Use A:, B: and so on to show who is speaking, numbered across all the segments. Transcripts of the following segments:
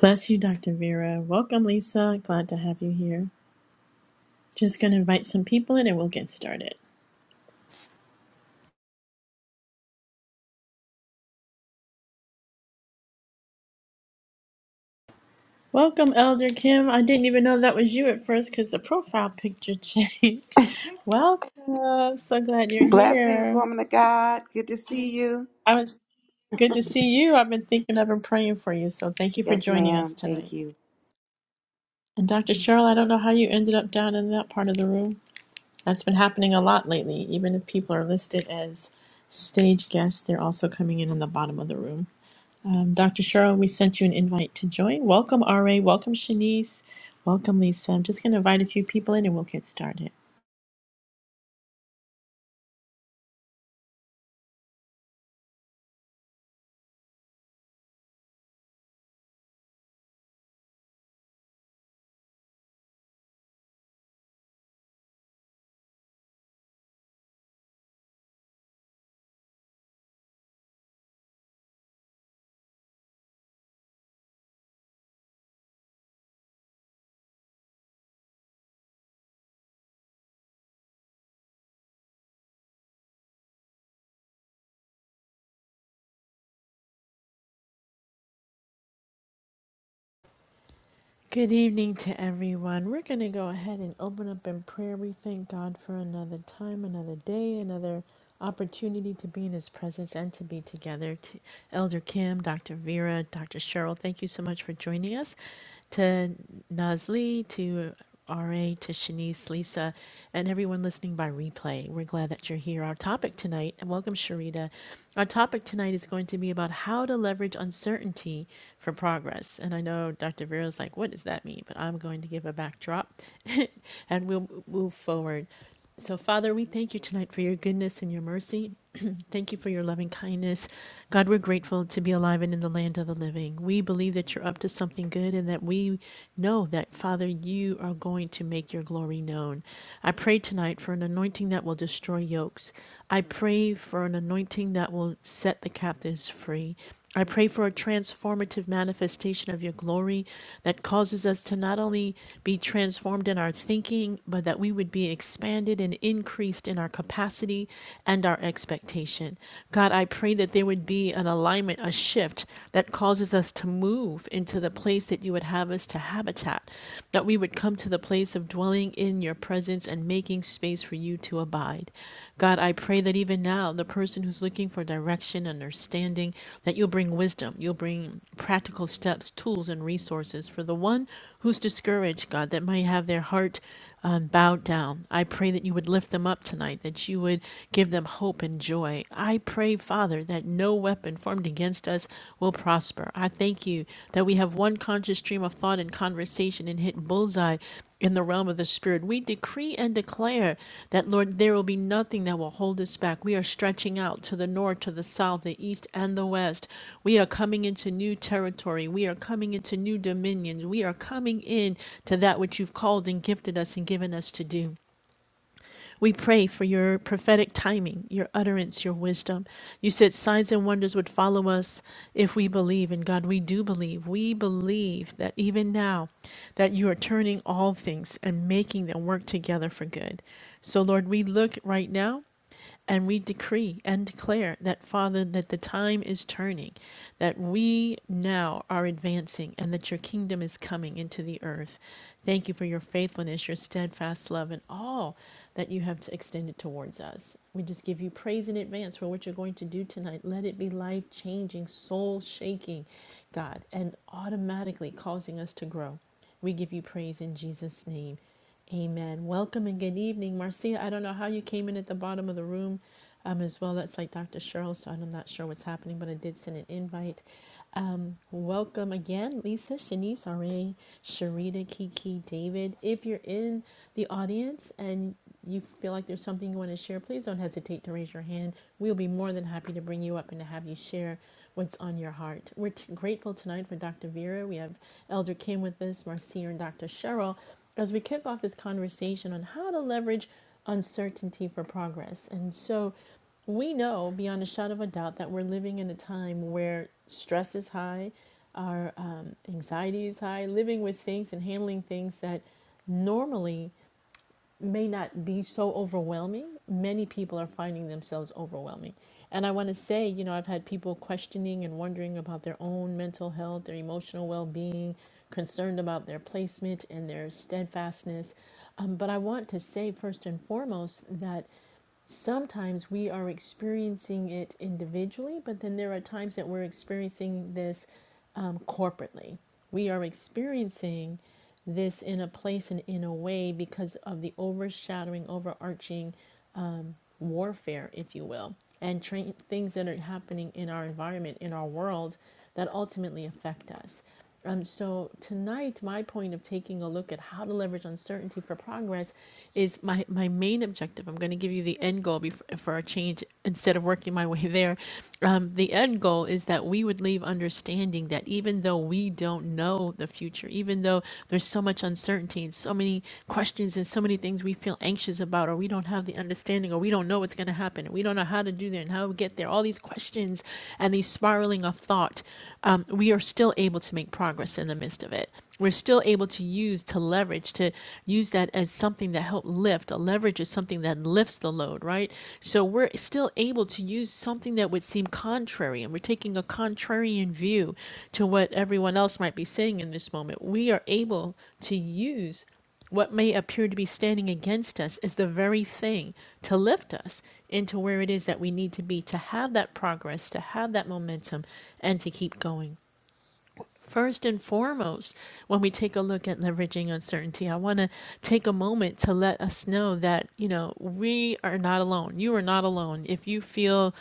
A: Bless you, Dr. Vera. Welcome, Lisa. Glad to have you here. Just going to invite some people in and we'll get started. Welcome, Elder Kim. I didn't even know that was you at first because the profile picture changed. Welcome. So glad you're
B: Blessings,
A: here.
B: woman of God. Good to see you.
A: I was good to see you. I've been thinking of and praying for you. So thank you for
B: Yes,
A: joining us
B: ma'am.
A: tonight.
B: Thank you.
A: And Dr. Cheryl, I don't know how you ended up down in that part of the room. That's been happening a lot lately. Even if people are listed as stage guests, they're also coming in on the bottom of the room. Um, Dr. Cheryl, we sent you an invite to join. Welcome, RA. Welcome, Shanice. Welcome, Lisa. I'm just going to invite a few people in and we'll get started. Good evening to everyone. We're going to go ahead and open up in prayer. We thank God for another time, another day, another opportunity to be in His presence and to be together. To Elder Kim, Dr. Vera, Dr. Cheryl, thank you so much for joining us. to Nazli, to RA, to Shanice, Lisa, and everyone listening by replay. We're glad that you're here. Our topic tonight, and welcome Sharita. Our topic tonight is going to be about how to leverage uncertainty for progress. And I know Dr. Vera like, what does that mean? But I'm going to give a backdrop and we'll move forward. So, Father, we thank you tonight for your goodness and your mercy. Lord. Thank you for your loving kindness. God, we're grateful to be alive and in the land of the living. We believe that you're up to something good and that we know that, Father, you are going to make your glory known. I pray tonight for an anointing that will destroy yokes. I pray for an anointing that will set the captives free. I pray for a transformative manifestation of your glory that causes us to not only be transformed in our thinking, but that we would be expanded and increased in our capacity and our expectation. God, I pray that there would be an alignment, a shift that causes us to move into the place that you would have us to habitat, that we would come to the place of dwelling in your presence presence and making space for you to abide. God, I pray that even now, the person who's looking for direction, understanding, that you'll bring wisdom, you'll bring practical steps, tools, and resources. For the one who's discouraged, God, that might have their heart um, bowed down, I pray that you would lift them up tonight, that you would give them hope and joy. I pray, Father, that no weapon formed against us will prosper. I thank you that we have one conscious stream of thought and conversation and hit bullseye in the realm of the spirit. We decree and declare that, Lord, there will be nothing that will hold us back. We are stretching out to the north, to the south, the east, and the west. We are coming into new territory. We are coming into new dominions. We are coming in to that which you've called and gifted us and given us to do. We pray for your prophetic timing, your utterance, your wisdom. You said signs and wonders would follow us if we believe. And God, we do believe. We believe that even now that you are turning all things and making them work together for good. So Lord, we look right now and we decree and declare that, Father, that the time is turning, that we now are advancing, and that your kingdom is coming into the earth. Thank you for your faithfulness, your steadfast love, and all that you have extended towards us. We just give you praise in advance for what you're going to do tonight. Let it be life changing, soul shaking, God, and automatically causing us to grow. We give you praise in Jesus' name. Amen. Welcome and good evening. Marcia, I don't know how you came in at the bottom of the room um, as well. That's like Dr. Cheryl, so I'm not sure what's happening, but I did send an invite. Um, welcome again, Lisa, Shanice, RA, Sharita, Kiki, David. If you're in the audience and you feel like there's something you want to share, please don't hesitate to raise your hand. We'll be more than happy to bring you up and to have you share what's on your heart. We're t- grateful tonight for Dr. Vera. We have Elder Kim with us, Marcia, and Dr. Cheryl as we kick off this conversation on how to leverage uncertainty for progress. And so we know beyond a shadow of a doubt that we're living in a time where stress is high, our um, anxiety is high, living with things and handling things that normally may not be so overwhelming, many people are finding themselves overwhelming. And I want to say, you know, I've had people questioning and wondering about their own mental health, their emotional well being, concerned about their placement and their steadfastness. Um, but I want to say, first and foremost, that sometimes we are experiencing it individually, but then there are times that we're experiencing this um, corporately. We are experiencing this in a place and in a way because of the overshadowing, overarching warfare, if you will, and tra- things that are happening in our environment, in our world, that ultimately affect us. Um, so tonight, my point of taking a look at how to leverage uncertainty for progress is my, my main objective. I'm going to give you the end goal before for a change instead of working my way there. Um, the end goal is that we would leave understanding that even though we we don't know the future, even though there's so much uncertainty and so many questions and so many things we feel anxious about, or we don't have the understanding, or we don't know what's going to happen, and we don't know how to do that and how we get there. All these questions and these spiraling of thought, um, we are still able to make progress in the midst of it we're still able to use to leverage to use that as something that help lift a leverage is something that lifts the load right so we're still able to use something that would seem contrary and we're taking a contrarian view to what everyone else might be saying in this moment we are able to use what may appear to be standing against us as the very thing to lift us into where it is that we need to be to have that progress, to have that momentum, and to keep going. First and foremost, when we take a look at leveraging uncertainty, I want to take a moment to let us know that, you know, we are not alone. You are not alone. If you feel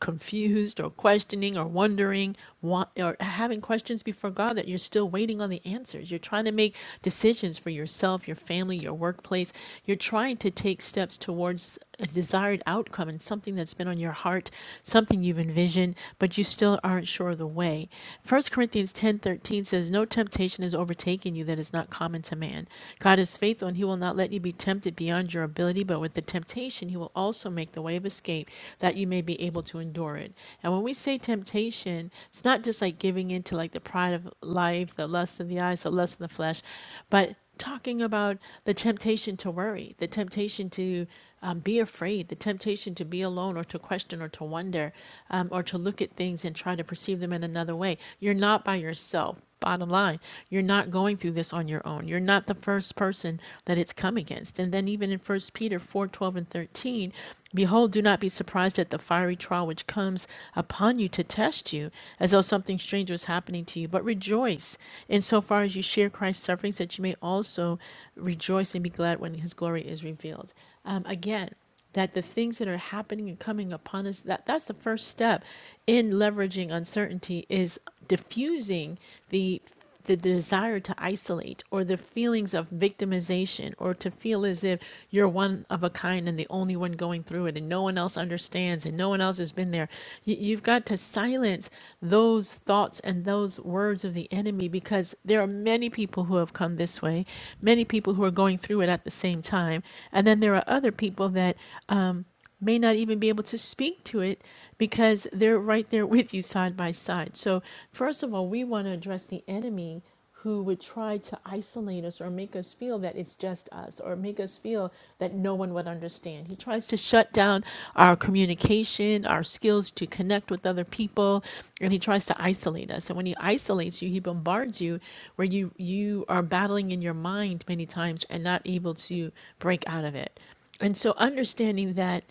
A: confused or questioning or wondering wa- or having questions before God that you're still waiting on the answers. You're trying to make decisions for yourself, your family, your workplace. You're trying to take steps towards a desired outcome and something that's been on your heart, something you've envisioned, but you still aren't sure of the way. First Corinthians 10:13 says, "No temptation has overtaken you that is not common to man. God is faithful and he will not let you be tempted beyond your ability, but with the temptation temptation, he will also make the way of escape that you may be able to endure it. And when we say temptation, it's not just like giving in to like the pride of life, the lust of the eyes, the lust of the flesh, but talking about the temptation to worry, the temptation to um, be afraid, the temptation to be alone or to question or to wonder um, or to look at things and try to perceive them in another way. You're not by yourself. Bottom line, you're not going through this on your own. You're not the first first person that it's come against. And then even in First Peter 4 12 and 13, behold, do not be surprised at the fiery trial which comes upon you to test you, as though something strange was happening to you. But rejoice insofar as you share Christ's sufferings, that you may also rejoice and be glad when his glory is revealed. Um, again, that the things that are happening and coming upon us that that's the first step in leveraging uncertainty is diffusing the the desire to isolate or the feelings of victimization or to feel as if you're one of a kind and the only one going through it and no one else understands and no one else has been there. You, have got to silence those thoughts and those words of the enemy because there are many people who have come this way, many people who are going through it at the same time. And then there are other people that. um, may not even be able to speak to it because they're right there with you side by side. So, first of all, we want to address the enemy who would try to isolate us or make us feel that it's just us or make us feel that no one would understand. He tries to shut down our communication, our skills to connect with other people, and he tries to isolate us. And when he isolates you, he bombards you where you you are battling in your mind many times and not able to break out of it. And so understanding that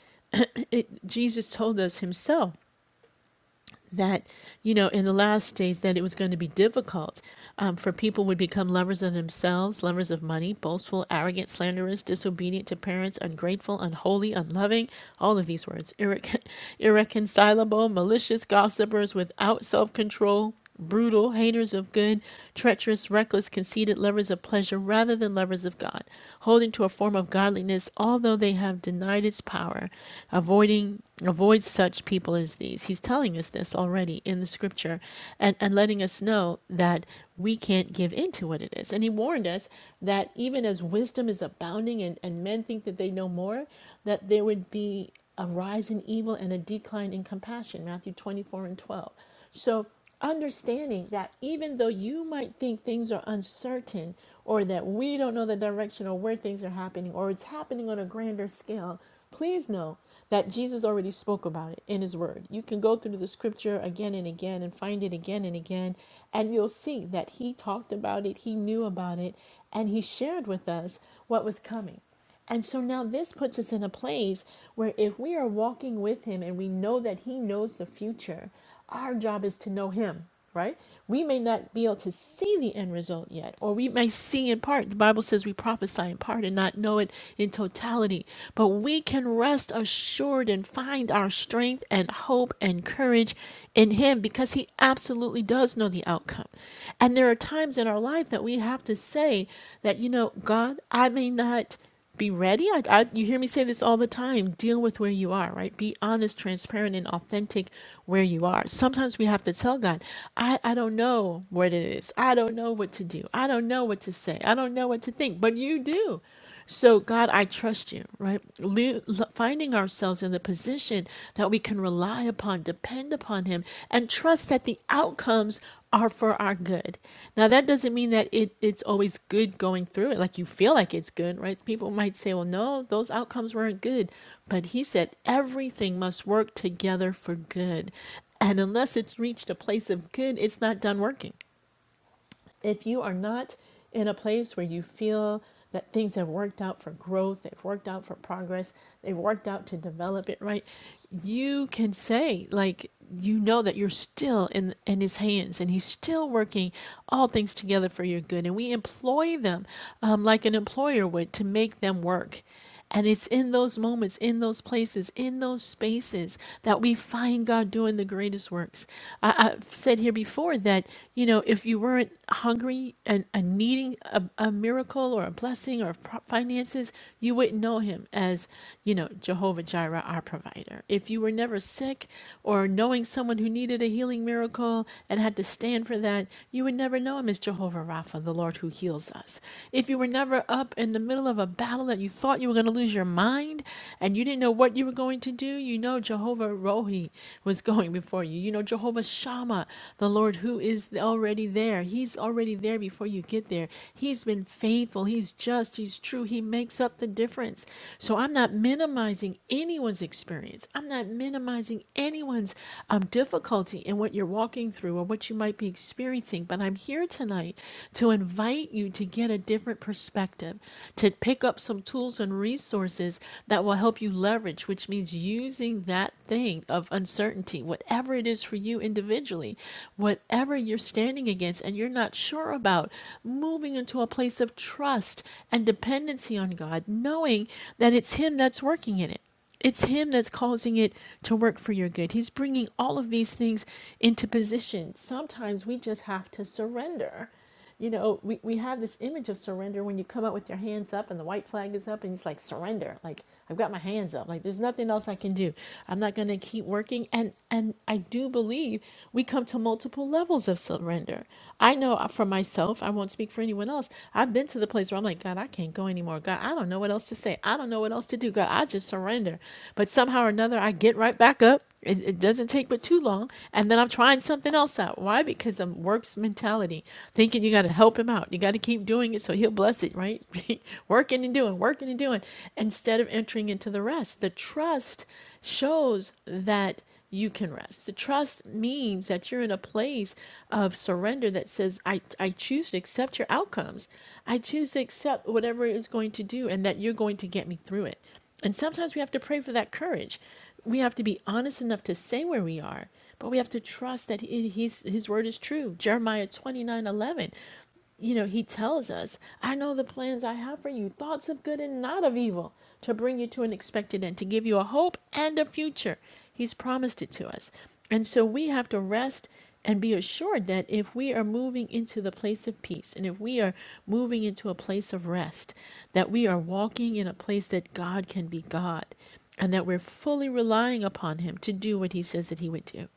A: it, Jesus told us himself that, you know, in the last days that it was going to be difficult um, for people would become lovers of themselves, lovers of money, boastful, arrogant, slanderous, disobedient to parents, ungrateful, unholy, unloving, all of these words, irrecon- irreconcilable, malicious, gossipers, without self-control, brutal, haters of good, treacherous, reckless, conceited, lovers of pleasure rather than lovers of God, holding to a form of godliness although they have denied its power. Avoiding avoid such people as these. He's telling us this already in the scripture and, and letting us know that we can't give in to what it is. And he warned us that even as wisdom is abounding and, and men think that they know more, that there would be a rise in evil and a decline in compassion, Matthew 24 and 12. So understanding that even though you might think things are uncertain or that we don't know the direction or where things are happening or it's happening on a grander scale, please know that Jesus already spoke about it in his word. You can go through the scripture again and again and find it again and again, and you'll see that he talked about it, he knew about it, and he shared with us what was coming. And so now this puts us in a place where if we are walking with him and we know that he knows the future, our job is to know him, right? We may not be able to see the end result yet, or we may see in part. The Bible says we prophesy in part and not know it in totality, but we can rest assured and find our strength and hope and courage in him because he absolutely does know the outcome. And there are times in our life that we have to say that, you know, God, I may not. Be ready. I, I, you hear me say this all the time. Deal with where you are, right? Be honest, transparent, and authentic where you are. Sometimes we have to tell God, I, I don't know what it is. I don't know what to do. I don't know what to say. I don't know what to think, but you do. So, God, I trust you, right? Li- Finding ourselves in the position that we can rely upon, depend upon Him, and trust that the outcomes are for our good. Now, that doesn't mean that it, it's always good going through it, like you feel like it's good, right? People might say, well, no, those outcomes weren't good. But he said, everything must work together for good. And unless it's reached a place of good, it's not done working if you are not in a place where you feel that things have worked out for growth, they've worked out for progress, they've worked out to develop it right, you can say, like, you know that you're still in, in his hands and he's still working all things together for your good. And we employ them um, like an employer would to make them work. And it's in those moments, in those places, in those spaces that we find God doing the greatest works. I, I've said here before that, you know, if you weren't hungry and, and needing a, a miracle or a blessing or pro- finances, you wouldn't know him as, you know, Jehovah Jireh, our provider. If you were never sick or knowing someone who needed a healing miracle and had to stand for that, you would never know him as Jehovah Rapha, the Lord who heals us this. If you were never up in the middle of a battle that you thought you were going to lose your mind and you didn't know what you were going to do, you know Jehovah Rohi was going before you. You know Jehovah Shammah, the Lord who is already there. He's already there before you get there. He's been faithful. He's just. He's true. He makes up the difference. So I'm not minimizing anyone's experience. I'm not minimizing anyone's um, difficulty in what you're walking through or what you might be experiencing experiencing, but I'm here tonight to invite you to get a different perspective, to pick up some tools and resources that will help you leverage, which means using that thing of uncertainty, whatever it is for you individually, whatever you're standing against and you're not sure about, moving into a place of trust and dependency on God, knowing that it's Him that's working in it. It's Him that's causing it to work for your good. He's bringing all of these things into position. Sometimes we just have to surrender. You know, we, we have this image of surrender when you come out with your hands up and the white flag is up and it's like surrender. Like I've got my hands up. Like there's nothing else I can do. I'm not gonna keep working. And and I do believe we come to multiple levels of surrender. I know uh, for myself, I won't speak for anyone else. I've been to the place where I'm like, God, I can't go anymore. God, I don't know know what else to say. I don't know what else to do. God, I just surrender. But somehow or another, I get right back up. It, it doesn't take but too long. And then I'm trying something else out. Why? Because of works mentality, thinking you got to help him out. You got to keep doing it so he'll bless it, right? working and doing, working and doing, instead of entering into the rest. The trust shows that you can rest. The trust means that you're in a place of surrender that says, I, I choose to accept your outcomes. I choose to accept whatever it is going to do and that you're going to get me through it. And sometimes we have to pray for that courage. We have to be honest enough to say where we are, but we have to trust that his, his word is true. Jeremiah 29 11 you know, he tells us, I know the plans I have for you, thoughts of good and not of evil, to bring you to an expected end, to give you a hope and a future. He's promised it to us. And so we have to rest and be assured that if we are moving into the place of peace and if we are moving into a place of rest, that we are walking in a place that God can be God and that we're fully relying upon Him to do what He says that He would do.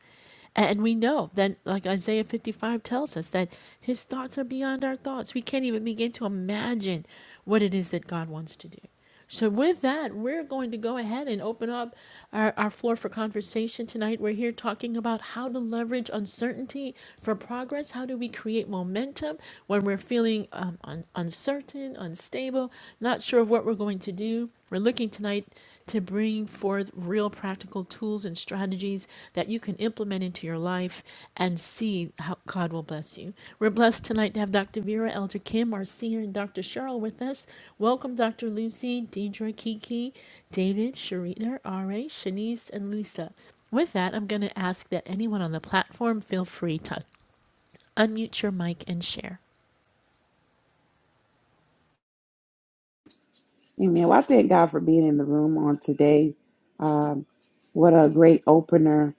A: And we know that, like Isaiah 55 tells us, that his thoughts are beyond our thoughts. We can't even begin to imagine what it is that God wants to do. So, with that, we're going to go ahead and open up our, our floor for conversation tonight. We're here talking about how to leverage uncertainty for progress. How do we create momentum when we're feeling um, un- uncertain, unstable, not sure of what we're going to do? We're looking tonight to bring forth real practical tools and strategies that you can implement into your life and see how God will bless you. We're blessed tonight to have Dr. Vera, Elder Kim, our senior, and Dr. Cheryl with us. Welcome, Dr. Lucy, Deidre, Kiki, David, Sharita, R.A., Shanice, and Lisa. With that, I'm going to ask that anyone on the platform feel free to unmute your mic and share.
B: Amen. Well, I thank God for being in the room on today. Um, what a great opener.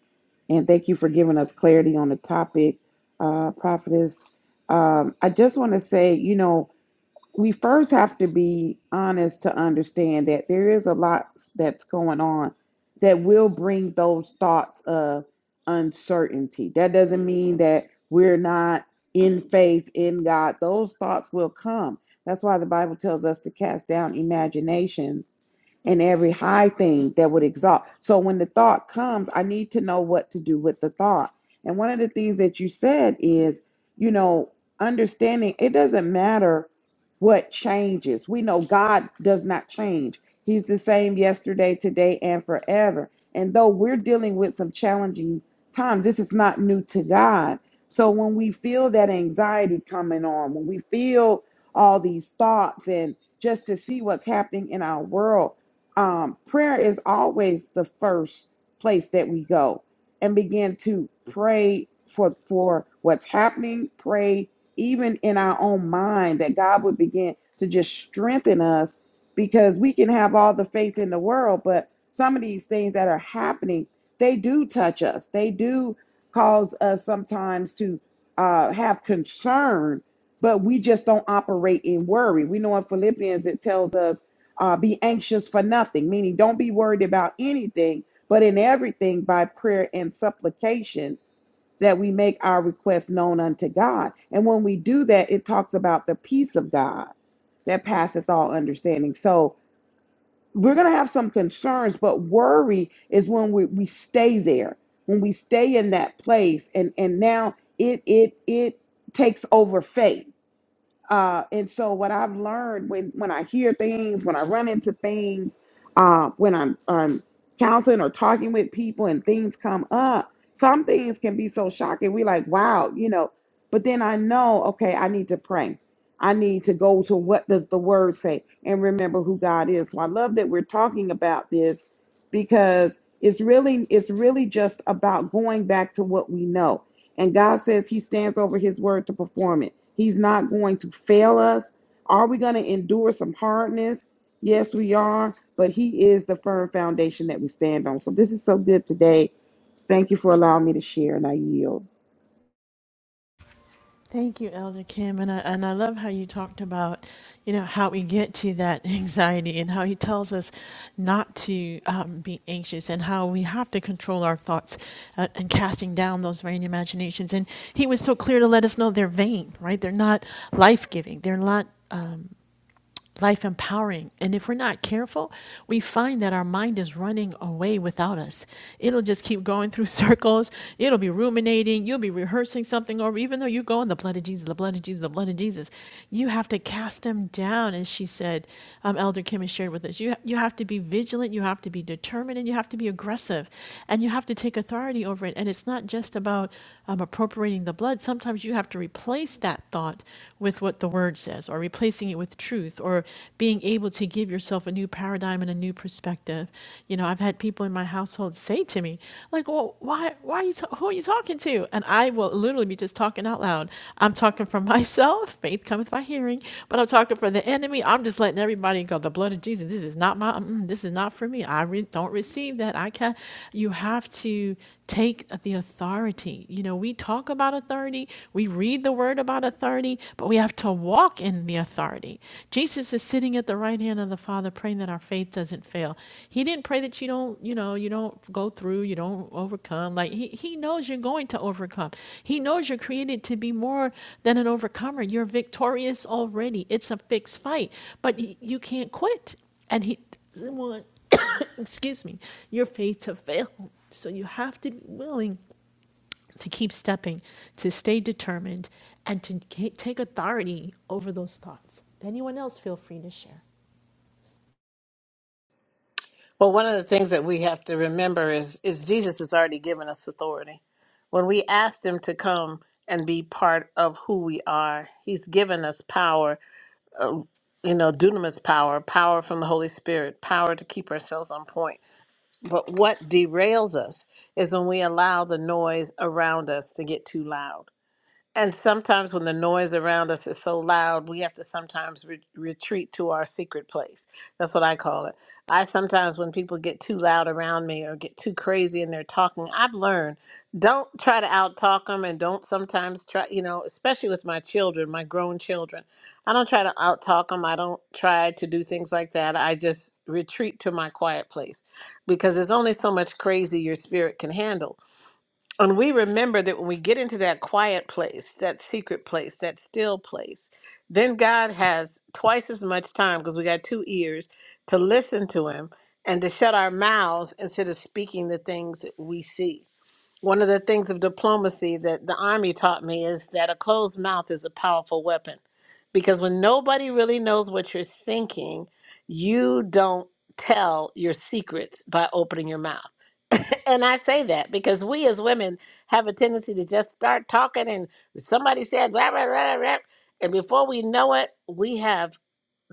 B: And thank you for giving us clarity on the topic, uh, prophetess. Um, I just want to say, you know, we first have to be honest to understand that there is a lot that's going on that will bring those thoughts of uncertainty. That doesn't mean that we're not in faith in God. Those thoughts will come. That's why the Bible tells us to cast down imaginations and every high thing that would exalt. So when the thought comes, I need to know what to do with the thought. And one of the things that you said is, you know, understanding it doesn't matter what changes. We know God does not change. He's the same yesterday, today, and forever. And though we're dealing with some challenging times, this is not new to God. So when we feel that anxiety coming on, when we feel all these thoughts and just to see what's happening in our world, um, prayer is always the first place that we go and begin to pray for for what's happening pray even in our own mind that god would begin to just strengthen us because we can have all the faith in the world but some of these things that are happening they do touch us they do cause us sometimes to uh, have concern but we just don't operate in worry we know in philippians it tells us uh, be anxious for nothing, meaning don't be worried about anything, but in everything by prayer and supplication that we make our requests known unto God. And when we do that, it talks about the peace of God that passeth all understanding. So we're going to have some concerns, but worry is when we, we stay there, when we stay in that place. And, and now it, it, it takes over faith uh, and so what I've learned when when I hear things, when I run into things, uh, when I'm um, counseling or talking with people, and things come up, some things can be so shocking. We like, wow, you know. But then I know, okay, I need to pray. I need to go to what does the word say, and remember who God is. So I love that we're talking about this because it's really it's really just about going back to what we know and God says He stands over His word to perform it. He's not going to fail us. Are we going to endure some hardness? Yes, we are. But He is the firm foundation that we stand on. So this is so good today. Thank you for allowing me to share, and I yield.
A: Thank you, Elder Kim, and I and I love how you talked about, you know, how we get to that anxiety and how he tells us not to um, be anxious and how we have to control our thoughts uh, and casting down those vain imaginations. And he was so clear to let us know they're vain, right? They're not life giving. They're not life empowering. And if we're not careful, we find that our mind is running away without us. It'll just keep going through circles. It'll be ruminating. You'll be rehearsing something or even though you go in the blood of Jesus, the blood of Jesus, the blood of Jesus. You have to cast them down. And she said, um, Elder Kim has shared with us, you, you have to be vigilant, you have to be determined, and you have to be aggressive, and you have to take authority over it. And it's not just about um, appropriating the blood. Sometimes you have to replace." replace that thought with what the word says, or replacing it with truth, or being able to give yourself a new paradigm and a new perspective. You know, I've had people in my household say to me, like, "Well, why, why are you, ta- who are you talking to?" And I will literally be just talking out loud. I'm talking for myself. Faith cometh by hearing, but I'm talking for the enemy. I'm just letting everybody go. The blood of Jesus. This is not my. mm, this is not for me. I re- don't receive that. I can't. You have to take take the authority. You know, we talk about authority, we read the word about authority, but we have to walk in the authority. Jesus is sitting at the right hand of the Father praying that our faith doesn't fail. He didn't pray that you don't, you know, you don't go through, you don't overcome. Like he, he knows you're going to overcome. He knows you're created to be more than an overcomer. You're victorious already. It's a fixed fight, but you can't quit. And he doesn't want excuse me, your faith to fail. So you have to be willing to keep stepping, to stay determined, and to ca- take authority over those thoughts. Anyone else feel free to share.
C: Well, one of the things that we have to remember is is Jesus has already given us authority. When we asked him to come and be part of who we are, he's given us power, uh, you know, dunamis power, power from the Holy Spirit, power to keep ourselves on point. But what derails us is when we allow the noise around us to get too loud. And sometimes when the noise around us is so loud, we have to sometimes re- retreat to our secret place. That's what I call it. I sometimes, when people get too loud around me or get too crazy and they're talking, I've learned don't try to out talk them and don't sometimes try, you know, especially with my children, my grown children. I don't try to out talk them. I don't try to do things like that. I just retreat to my quiet place because there's only so much crazy your spirit can handle and we remember that when we get into that quiet place, that secret place, that still place, then God has twice as much time because we got two ears to listen to Him and to shut our mouths instead of speaking the things that we see. One of the things of diplomacy that the Army taught me is that a closed mouth is a powerful weapon because when nobody really knows what you're thinking, you don't tell your secrets by opening your mouth and I say that because we as women have a tendency to just start talking, and somebody said, blah, blah, blah, blah, and before we know it, we have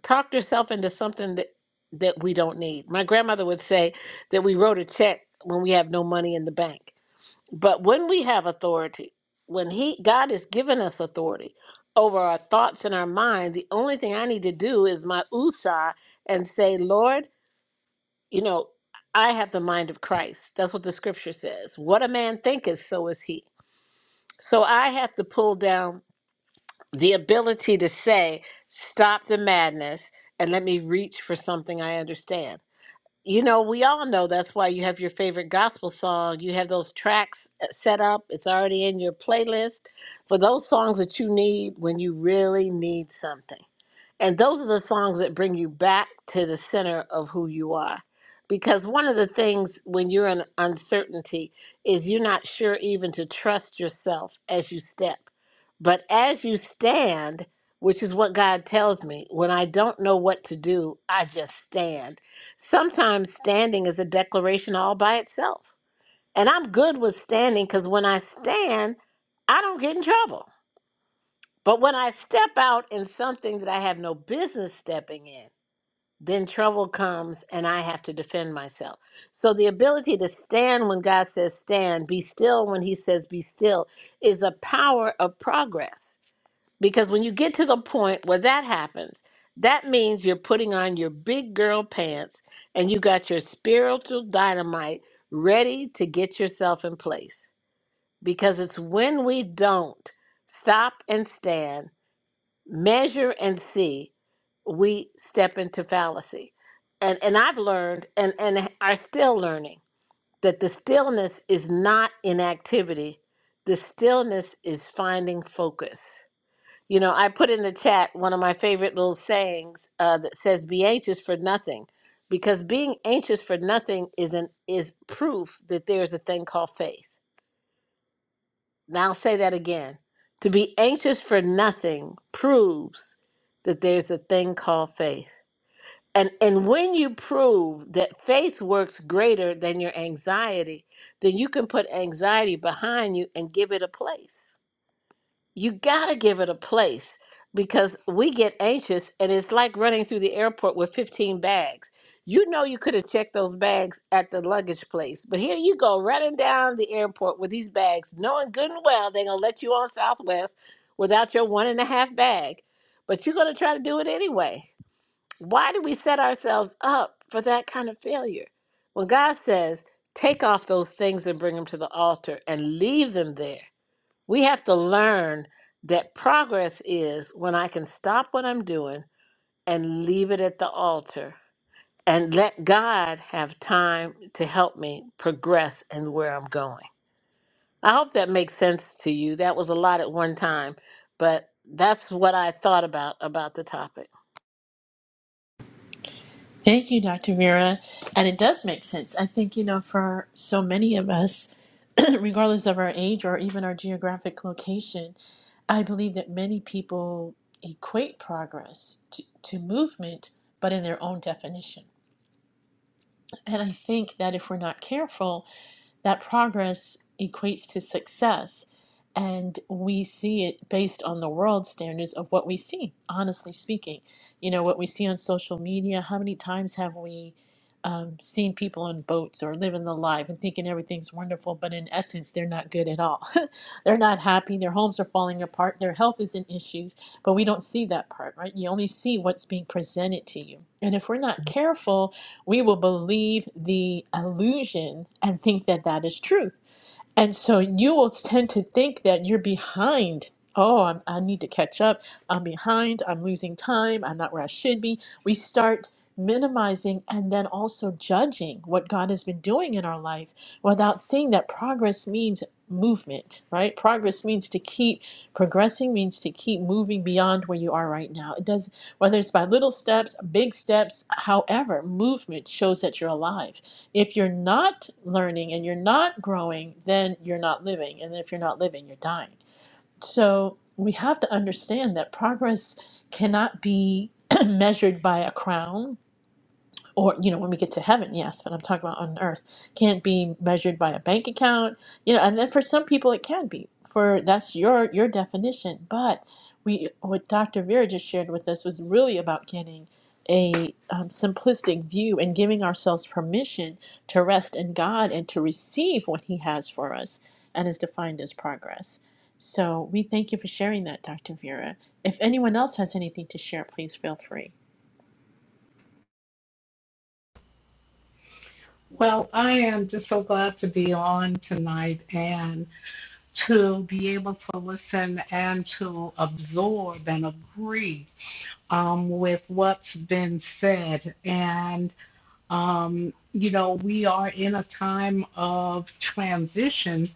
C: talked ourselves into something that, that we don't need. My grandmother would say that we wrote a check when we have no money in the bank. But when we have authority, when he God has given us authority over our thoughts and our mind, the only thing I need to do is my usah and say, Lord, you know, I have the mind of Christ. That's what the scripture says. What a man thinketh, so is he. So I have to pull down the ability to say, stop the madness and let me reach for something I understand. You know, we all know that's why you have your favorite gospel song. You have those tracks uh, set up, it's already in your playlist for those songs that you need when you really need something. And those are the songs that bring you back to the center of who you are. Because one of the things when you're in uncertainty is you're not sure even to trust yourself as you step. But as you stand, which is what God tells me, when I don't know what to do, I just stand. Sometimes standing is a declaration all by itself. And I'm good with standing because when I stand, I don't get in trouble. But when I step out in something that I have no business stepping in, then trouble comes and I have to defend myself. So the ability to stand when God says stand, be still when he says be still, is a power of progress. Because when you get to the point where that happens, that means you're putting on your big girl pants and you got your spiritual dynamite ready to get yourself in place. Because it's when we don't stop and stand measure and see we step into fallacy and and i've learned and and are still learning that the stillness is not inactivity the stillness is finding focus you know i put in the chat one of my favorite little sayings uh, that says be anxious for nothing because being anxious for nothing is an is proof that there's a thing called faith now I'll say that again. To be anxious for nothing proves that there's a thing called faith. And and when you prove that faith works greater than your anxiety, then you can put anxiety behind you and give it a place you gotta give it a place because we get anxious and it's like running through the airport with 15 bags you know you could have checked those bags at the luggage place but here you go running down the airport with these bags knowing good and well they're gonna let you on southwest without your one and a half bag but you're gonna try to do it anyway why do we set ourselves up for that kind of failure when god says take off those things and bring them to the altar and leave them there we have to learn that progress is when I can stop what I'm doing and leave it at the altar and let God have time to help me progress and where I'm going. I hope that makes sense to you. That was a lot at one time, but that's what I thought about about the topic.
A: Thank you, Dr. Vera. And it does make sense. I think, you know, for so many of us, regardless of our age or even our geographic location, I believe that many people equate progress to, to movement, but in their own definition. And I think that if we're not careful, that progress equates to success. And we see it based on the world standards of what we see, honestly speaking. You know, what we see on social media, how many times have we um, seen people on boats or living the life and thinking everything's wonderful, but in essence, they're not good at all. they're not happy, their homes are falling apart, their health is in issues, but we don't see that part, right? You only see what's being presented to you. And if we're not careful, we will believe the illusion and think that that is truth. And so you will tend to think that you're behind. Oh, I'm, I need to catch up. I'm behind. I'm losing time. I'm not where I should be. We start minimizing and then also judging what God has been doing in our life without seeing that progress means movement, right? Progress means to keep progressing means to keep moving beyond where you are right now. It does whether it's by little steps, big steps, however, movement shows that you're alive if you're not learning and you're not growing, then you're not living. And if you're not living, you're dying. So we have to understand that progress cannot be measured by a crown or you know when we get to heaven yes but i'm talking about on earth can't be measured by a bank account you know and then for some people it can be for that's your your definition but we what dr vera just shared with us was really about getting a um, simplistic view and giving ourselves permission to rest in god and to receive what he has for us and is defined as progress so we thank you for sharing that dr vera if anyone else has anything to share please feel free
D: Well, I am just so glad to be on tonight and to be able to listen and to absorb and agree um, with what's been said. And, um, you know, we are in a time of transition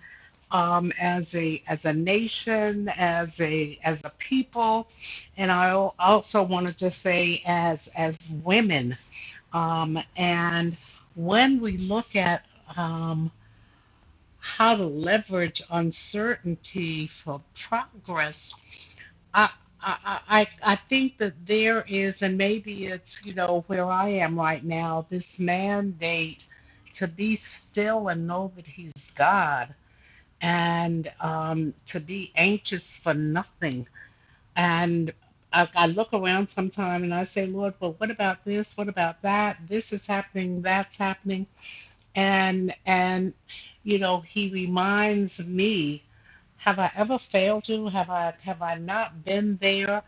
D: um, as a as a nation, as a as a people. And I also want to just say as as women. Um, and when we look at um, how to leverage uncertainty for progress, I, I, I, I think that there is, and maybe it's, you know, where I am right now, this mandate to be still and know that He's God and um, to be anxious for nothing. And I, I look around sometime and I say, Lord, well, what about this? What about that? This is happening, that's happening and and you know he reminds me have i ever failed you have i have i not been there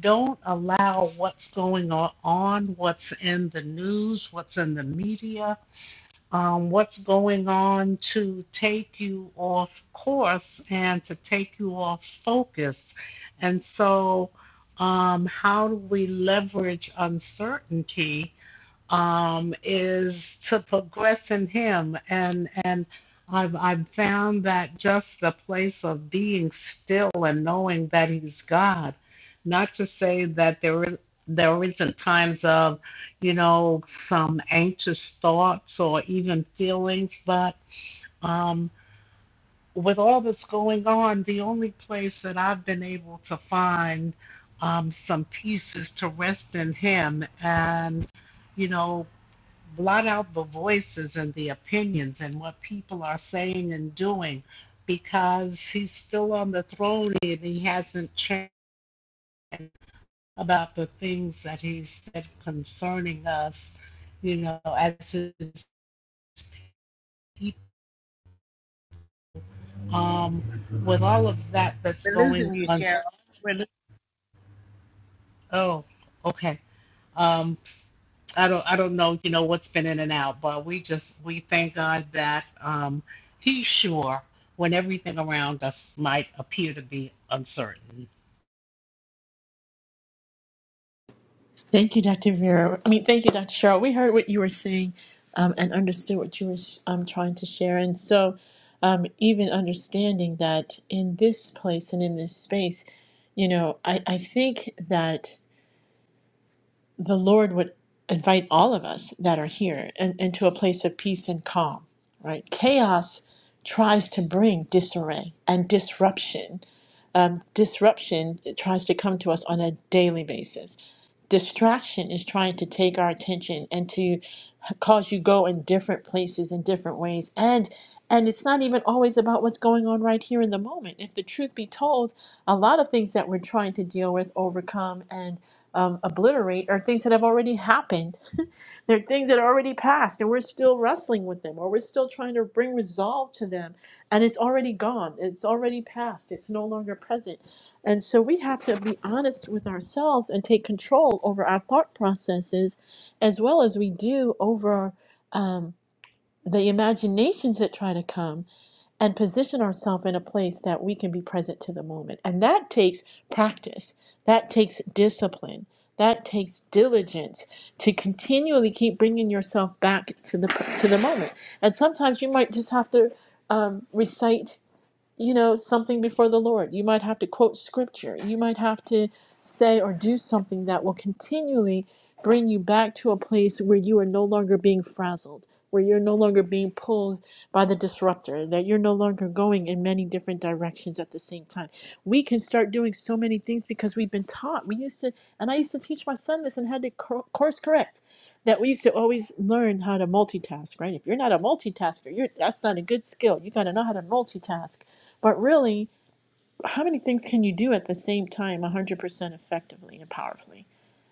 D: don't allow what's going on what's in the news what's in the media um, what's going on to take you off course and to take you off focus and so um, how do we leverage uncertainty um, is to progress in Him, and and I've I've found that just the place of being still and knowing that He's God. Not to say that there is, there isn't times of, you know, some anxious thoughts or even feelings, but um, with all this going on, the only place that I've been able to find um, some peace is to rest in Him and you know blot out the voices and the opinions and what people are saying and doing because he's still on the throne and he hasn't changed about the things that he said concerning us, you know, as his people. Um, with all of that that's
C: We're
D: going
C: losing you,
D: on.
C: Cheryl. We're lo-
D: Oh, okay. Um, I don't I don't know, you know, what's been in and out, but we just we thank God that um he's sure when everything around us might appear to be uncertain.
A: Thank you, Dr. Vera. I mean, thank you, Dr. Cheryl. We heard what you were saying um, and understood what you were um, trying to share. And so, um, even understanding that in this place and in this space, you know, I, I think that the Lord would invite all of us that are here and, into a place of peace and calm, right? Chaos tries to bring disarray and disruption um, disruption tries to come to us on a daily basis. Distraction is trying to take our attention and to cause you go in different places in different ways and and it's not even always about what's going on right here in the moment if the truth be told a lot of things that we're trying to deal with overcome and um, obliterate are things that have already happened they're things that are already passed and we're still wrestling with them or we're still trying to bring resolve to them and it's already gone it's already past it's no longer present and so we have to be honest with ourselves and take control over our thought processes as well as we do over um, the imaginations that try to come and position ourselves in a place that we can be present to the moment and that takes practice that takes discipline that takes diligence to continually keep bringing yourself back to the to the moment and sometimes you might just have to um, recite you know, something before the Lord. You might have to quote scripture. You might have to say or do something that will continually bring you back to a place where you are no longer being frazzled, where you're no longer being pulled by the disruptor, that you're no longer going in many different directions at the same time. We can start doing so many things because we've been taught. We used to, and I used to teach my son this and had to cor- course correct. That we used to always learn how to multitask, right? If you're not a multitasker, you're that's not a good skill. You got to know how to multitask but really, how many things can you do at the same time 100% effectively and powerfully?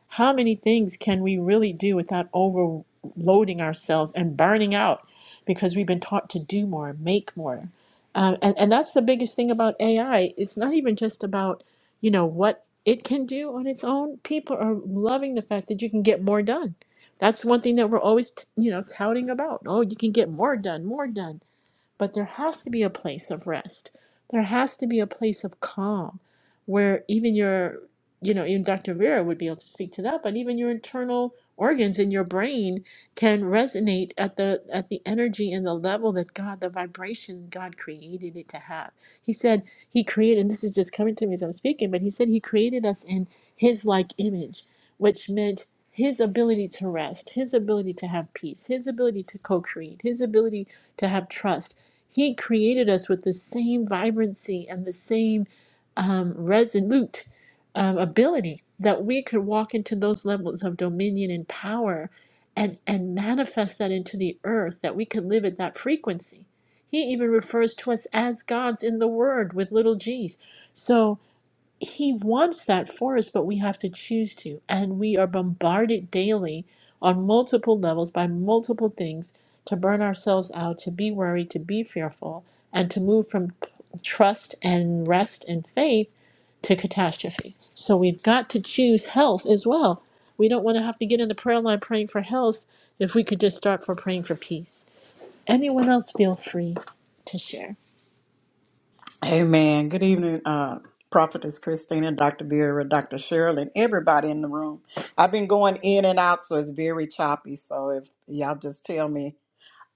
A: How many things can we really do without overloading ourselves and burning out because we've been taught to do more, make more? Um, and, and that's the biggest thing about AI. It's not even just about, you know, what it can do on its own. People are loving the fact that you can get more done. That's one thing that we're always, t- you know, touting about. Oh, you can get more done, more done but there has to be a place of rest. There has to be a place of calm where even your, you know, even Dr. Vera would be able to speak to that, but even your internal organs in your brain can resonate at the at the energy and the level that God, the vibration God created it to have. He said he created, and this is just coming to me as I'm speaking, but he said he created us in his like image, which meant his ability to rest, his ability to have peace, his ability to co create, his ability to have trust, he created us with the same vibrancy and the same um, resolute um, ability that we could walk into those levels of dominion and power and, and manifest that into the earth, that we could live at that frequency. He even refers to us as gods in the word with little g's. So, he wants that for us, but we have to choose to. And we are bombarded daily on multiple levels by multiple things to burn ourselves out, to be worried, to be fearful, and to move from trust and rest and faith to catastrophe. So we've got to choose health as well. We don't want to have to get in the prayer line praying for health if we could just start for praying for peace. Anyone else feel free to share?
E: Amen. Good evening, uh, Prophetess Christina, Dr. Vera, Dr. Cheryl, and everybody in the room. I've been going in and out, so it's very choppy. So if y'all just tell me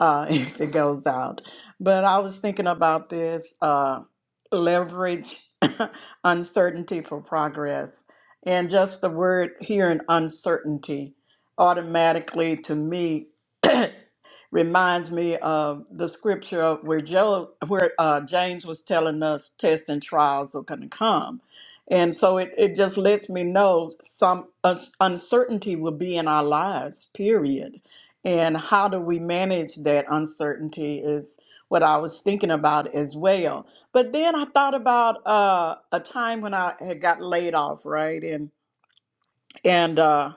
E: uh, if it goes out. But I was thinking about this uh, leverage uncertainty for progress. And just the word here in uncertainty automatically to me reminds me of the scripture where Joe, where uh, James was telling us tests and trials are going to come. And so it, it just lets me know some us- uncertainty will be in our lives, period and how do we manage that uncertainty is what I was thinking about as well. But then I thought about uh, a time when I had got laid off, right? And and uh,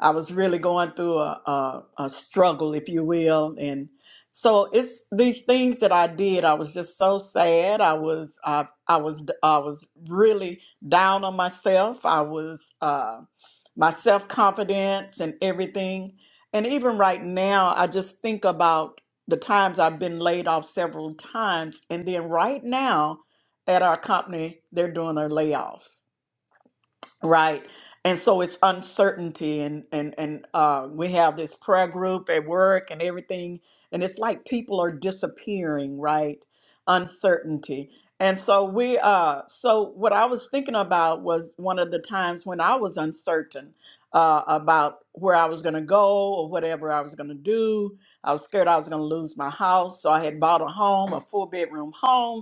E: I was really going through a, a, a struggle, if you will, and so it's these things that I did. I was just so sad. I was I, I was I was really down on myself. I was uh, my self confidence and everything. And even right now, I just think about the times I've been laid off several times, and then right now at our company, they're doing a layoff Right. And so it's uncertainty and and and uh we have this prayer group at work and everything and it's like people are disappearing, right? Uncertainty. And so we uh so what I was thinking about was one of the times when I was uncertain uh about where I was going to go or whatever I was going to do. I was scared I was going to lose my house, so I had bought a home, a four bedroom home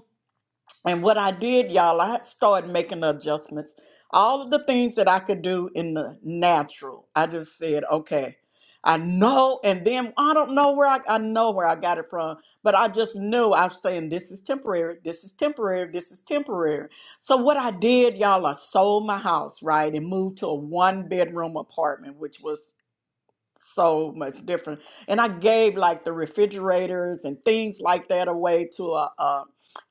E: and what I did, y'all, I started making adjustments. All of the things that I could do in the natural, I just said, okay, I know. And then I don't know where I, I know where I got it from, but I just knew I was saying, this is temporary, this is temporary, this is temporary. So what I did, y'all, I sold my house, right, and moved to a one bedroom apartment, which was so much different. And I gave like the refrigerators and things like that away to a, a,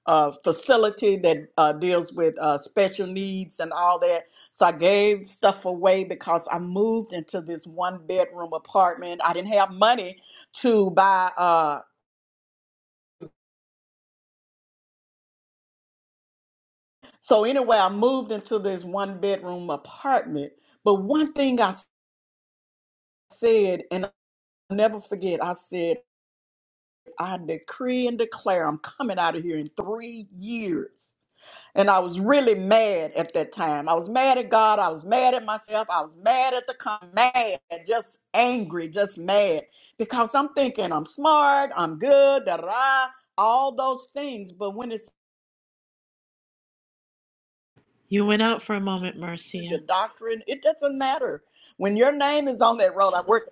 E: a facility that uh, deals with uh, special needs and all that. So I gave stuff away because I moved into this one bedroom apartment. I didn't have money to buy. Uh, so anyway, I moved into this one bedroom apartment. But one thing I said, and I'll never forget, I said, I decree and declare I'm coming out of here in three years. And I was really mad at that time. I was mad at God. I was mad at myself. I was mad at the com- mad, just angry, just mad because I'm thinking I'm smart, I'm good, da da, da, all those things. But when it's
A: You went out for a moment,
E: it's
A: Marcia.
E: your doctrine, it doesn't matter. When your name is on that road, I work.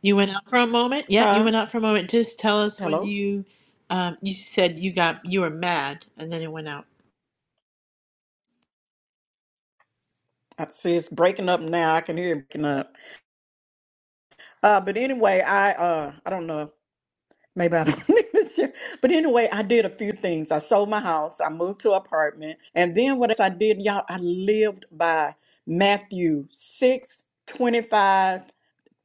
A: You went out for a moment. Yep, you
E: Huh?
A: went out for a moment. Just tell us when
E: Hello.
A: you um, you said you got you were mad and then it went out.
E: I see it's breaking up now. I can hear it breaking up. Uh, but anyway, I uh, I don't know. Maybe I don't need to share. But anyway, I did a few things. I sold my house. I moved to an apartment. And then what else I did, y'all, I lived by Matthew 6 25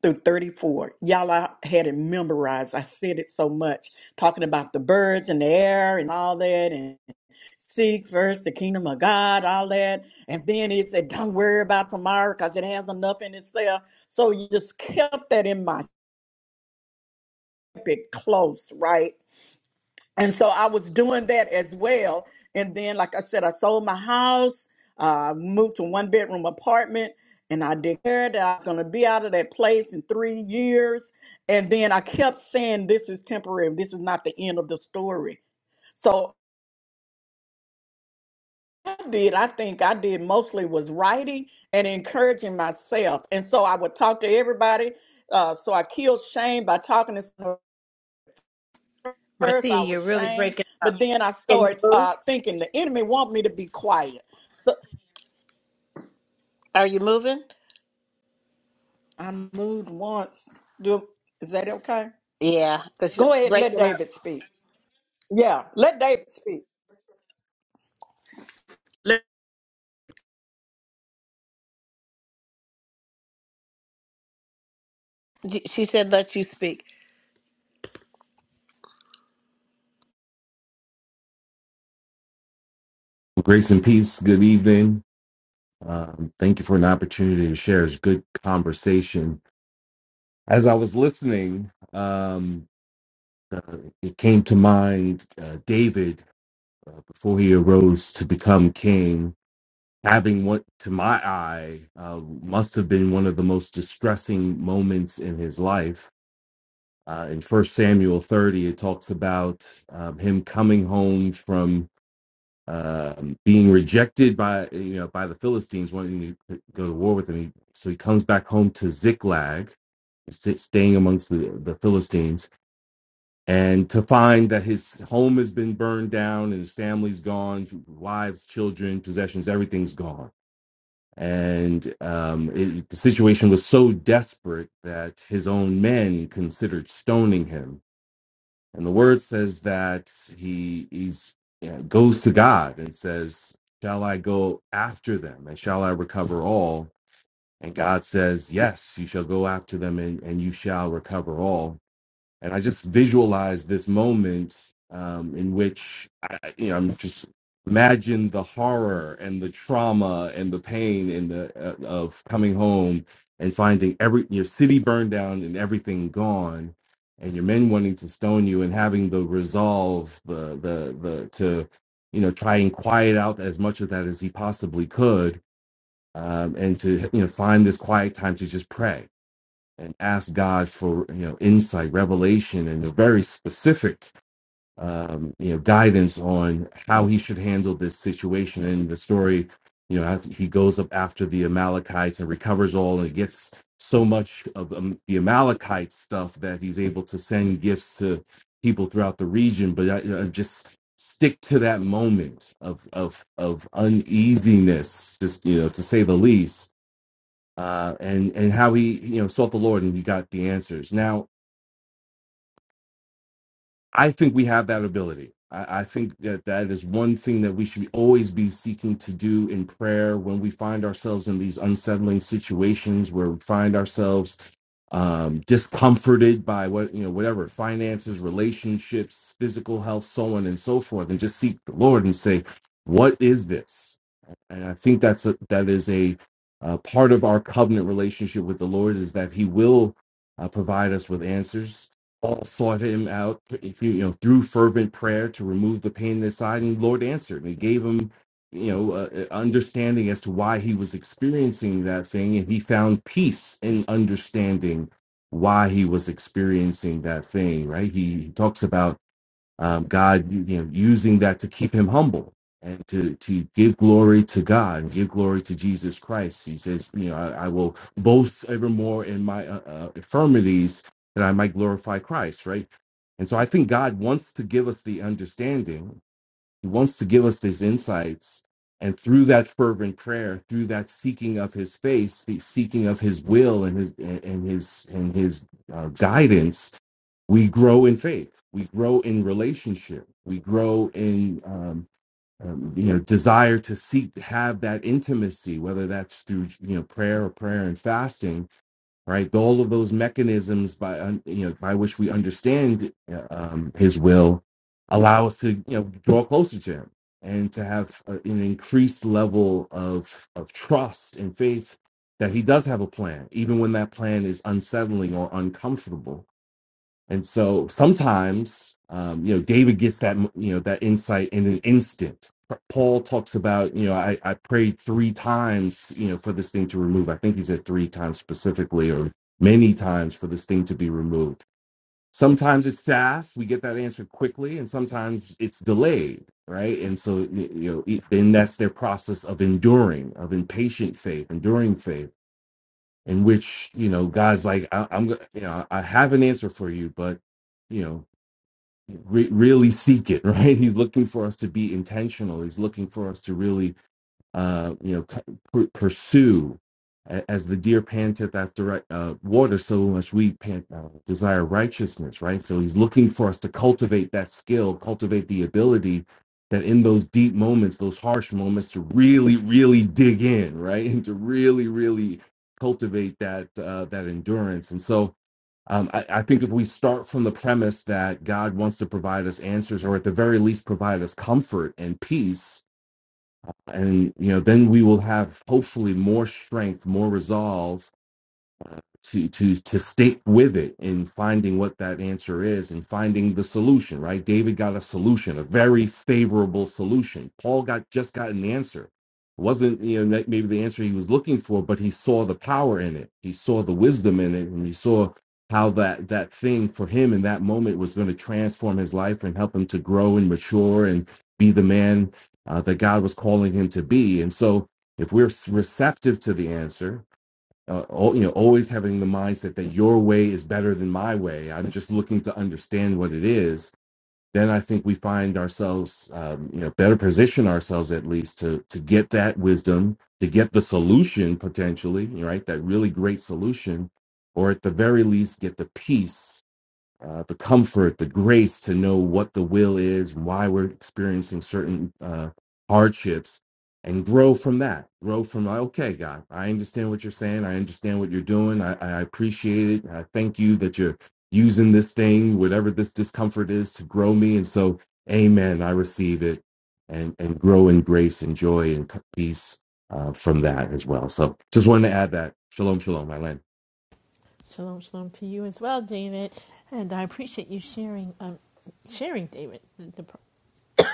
E: through 34. Y'all, I had it memorized. I said it so much, talking about the birds and the air and all that, and seek first the kingdom of God, all that. And then he said, don't worry about tomorrow because it has enough in itself. So you just kept that in my kept it close, right? and so I was doing that as well. And then, like I said, I sold my house, uh, moved to one bedroom apartment, and I declared that I was going to be out of that place in three years. And then I kept saying, This is temporary. This is not the end of the story. So I did, I think I did mostly was writing and encouraging myself. And so I would talk to everybody. Uh, so I killed shame by talking to first
C: Marcia,
E: I was
C: you're really
E: ashamed,
C: breaking up.
E: but then I
C: Can you
E: started uh,
C: move?
E: thinking the enemy want me to be quiet. So
C: Are you moving?
E: I moved once. Do is that okay?
C: Yeah, because you're
E: Go ahead, let
C: breaking up.
E: David speak. Yeah, let David speak. Let-
C: Y- She said, let you speak.
F: Grace and peace. Good evening. Um, thank you for an opportunity to share. It's good conversation. As I was listening, um, uh, it came to mind uh, David uh, before he arose to become king, having what, to my eye, uh, must have been one of the most distressing moments in his life. Uh, in First Samuel 30, it talks about um, him coming home from um, being rejected by you know by the Philistines, wanting to go to war with him, He, so he comes back home to Ziklag, st- staying amongst the, the Philistines, and to find that his home has been burned down and his family's gone, wives, children, possessions, everything's gone. And um, it, the situation was so desperate that his own men considered stoning him and the word says that he he's, you know, goes to God and says, Shall I go after them and shall I recover all? And God says, Yes, you shall go after them and, and you shall recover all and I just visualize this moment um, in which I, you know, I'm just imagine the horror and the trauma and the pain and the uh, of coming home and finding every your city burned down and everything gone, and your men wanting to stone you and having the resolve the the the to you know try and quiet out as much of that as he possibly could. Um, and to you know find this quiet time to just pray and ask God for you know insight, revelation, and a very specific um, you know guidance on how he should handle this situation. And the story, you know, after he goes up after the Amalekites and recovers all, and gets so much of um, the Amalekite stuff that he's able to send gifts to people throughout the region. But I, I just stick to that moment of of of uneasiness, just you know, to say the least uh, and and how he you know sought the Lord and he got the answers. Now I think we have that ability. I, I think that that is one thing that we should always be seeking to do in prayer when we find ourselves in these unsettling situations where we find ourselves um, discomforted by what you know whatever finances, relationships, physical health, so on and so forth, and just seek the Lord and say, "What is this?" and I think that's a, that is a uh, part of our covenant relationship with the Lord is that He will uh, provide us with answers. Paul sought Him out, if you you know, through fervent prayer to remove the pain in his side, and the Lord answered. And he gave him, you know, uh, uh, understanding as to why he was experiencing that thing, and he found peace in understanding why he was experiencing that thing. Right? He, he talks about um, God you know, using that to keep him humble and to, to give glory to God and give glory to Jesus Christ. He says, you know, I, I will boast evermore in my uh, uh, infirmities that I might glorify Christ, right? And so I think God wants to give us the understanding. He wants to give us these insights. And through that fervent prayer, through that seeking of His face, the seeking of his will and his and and his and his uh, guidance, we grow in faith we grow in relationship we grow in um, um, you know desire to seek have that intimacy whether that's through you know prayer or prayer and fasting right all of those mechanisms by un- you know by which we understand uh, um, his will allow us to you know draw closer to him and to have a, an increased level of of trust and faith that he does have a plan even when that plan is unsettling or uncomfortable and so sometimes, um, you know, David gets that, you know, that insight in an instant. Paul talks about, you know, I, I prayed three times, you know, for this thing to remove. I think he said three times specifically, or many times for this thing to be removed. Sometimes it's fast, we get that answer quickly, and sometimes it's delayed, right? And so, y- you know, it- then that's their process of enduring, of impatient faith, enduring faith, in which, you know, God's like, I, I'm, go- you know, I have an answer for you, but you know re- really seek it right he's looking for us to be intentional he's looking for us to really uh you know c- pur- pursue A- as the deer panteth after ri- uh, water so much we pant uh, desire righteousness right so he's looking for us to cultivate that skill cultivate the ability that in those deep moments those harsh moments to really really dig in right and to really really cultivate that uh, that endurance and so um, I, I think if we start from the premise that God wants to provide us answers, or at the very least provide us comfort and peace, and you know, then we will have hopefully more strength, more resolve to to to stick with it and finding what that answer is and finding the solution right david got a solution a very favorable solution paul got just got an answer It wasn't you know maybe the answer he was looking for but he saw the power in it he saw the wisdom in it and he saw how that that thing for him in that moment was going to transform his life and help him to grow and mature and be the man uh, that god was calling him to be and so if we're receptive to the answer uh, you know always having the mindset that your way is better than my way i'm just looking to understand what it is then i think we find ourselves um, you know better position ourselves at least to to get that wisdom to get the solution potentially right that really great solution or at the very least get the peace uh, the comfort, the grace to know what the will is, why we're experiencing certain uh, hardships, and grow from that. Grow from, okay, God, I understand what you're saying. I understand what you're doing. I, I appreciate it. I thank you that you're using this thing, whatever this discomfort is, to grow me. And so, amen, I receive it and, and grow in grace and joy and peace uh, from that as well. So, just wanted to add that. Shalom, shalom, my land.
A: Shalom, shalom to you as well, David. And I appreciate you sharing, um, sharing, David.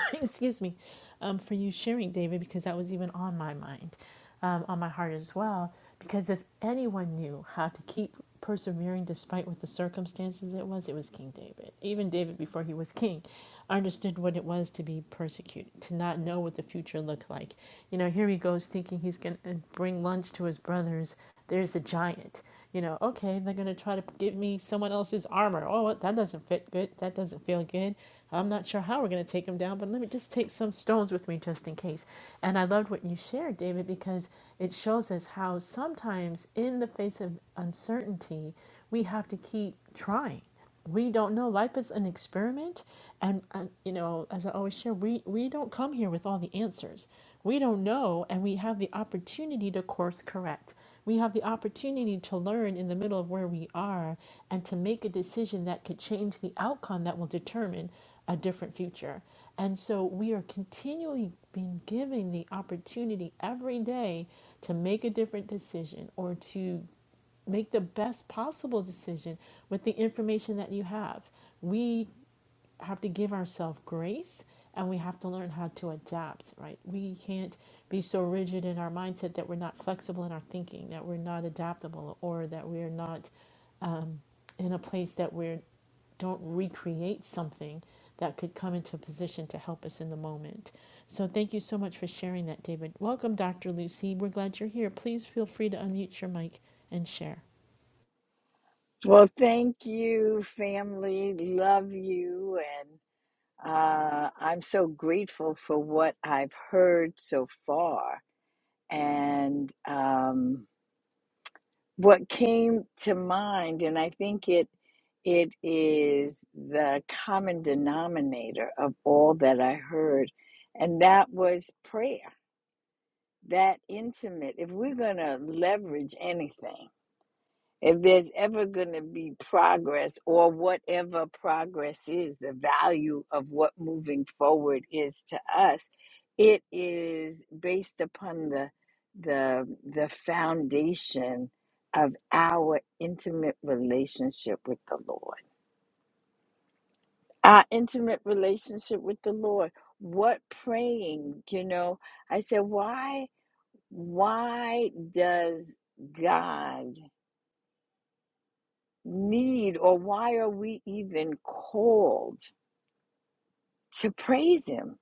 A: excuse me, um, for you sharing, David, because that was even on my mind, um, on my heart as well. Because if anyone knew how to keep persevering despite what the circumstances it was, it was King David. Even David, before he was king, understood what it was to be persecuted, to not know what the future looked like. You know, here he goes thinking he's going to bring lunch to his brothers. There's the giant you know, okay, they're going to try to give me someone else's armor. Oh, that doesn't fit good. That doesn't feel good. I'm not sure how we're going to take them down, but let me just take some stones with me just in case. And I loved what you shared, David, because it shows us how sometimes in the face of uncertainty, we have to keep trying we don't know life is an experiment and, and you know as i always share we we don't come here with all the answers we don't know and we have the opportunity to course correct we have the opportunity to learn in the middle of where we are and to make a decision that could change the outcome that will determine a different future and so we are continually being given the opportunity every day to make a different decision or to make the best possible decision with the information that you have. We have to give ourselves grace and we have to learn how to adapt, right? We can't be so rigid in our mindset that we're not flexible in our thinking, that we're not adaptable, or that we're not in a place that we don't recreate something that could come into position to help us in the moment. So thank you so much for sharing that, David. Welcome, Dr. Lucy. We're glad you're here. Please feel free to unmute your mic and share.
G: Well, thank you, family. Love you. And uh, I'm so grateful for what I've heard so far and um, what came to mind. And I think it it is the common denominator of all that I heard. And that was prayer, that intimate. If we're going to leverage anything, if there's ever going to be progress or whatever progress is, the value of what moving forward is to us, it is based upon the the the foundation of our intimate relationship with the Lord. Our intimate relationship with the Lord. What praying, you know, I said, why why does God need or why are we even called to praise him?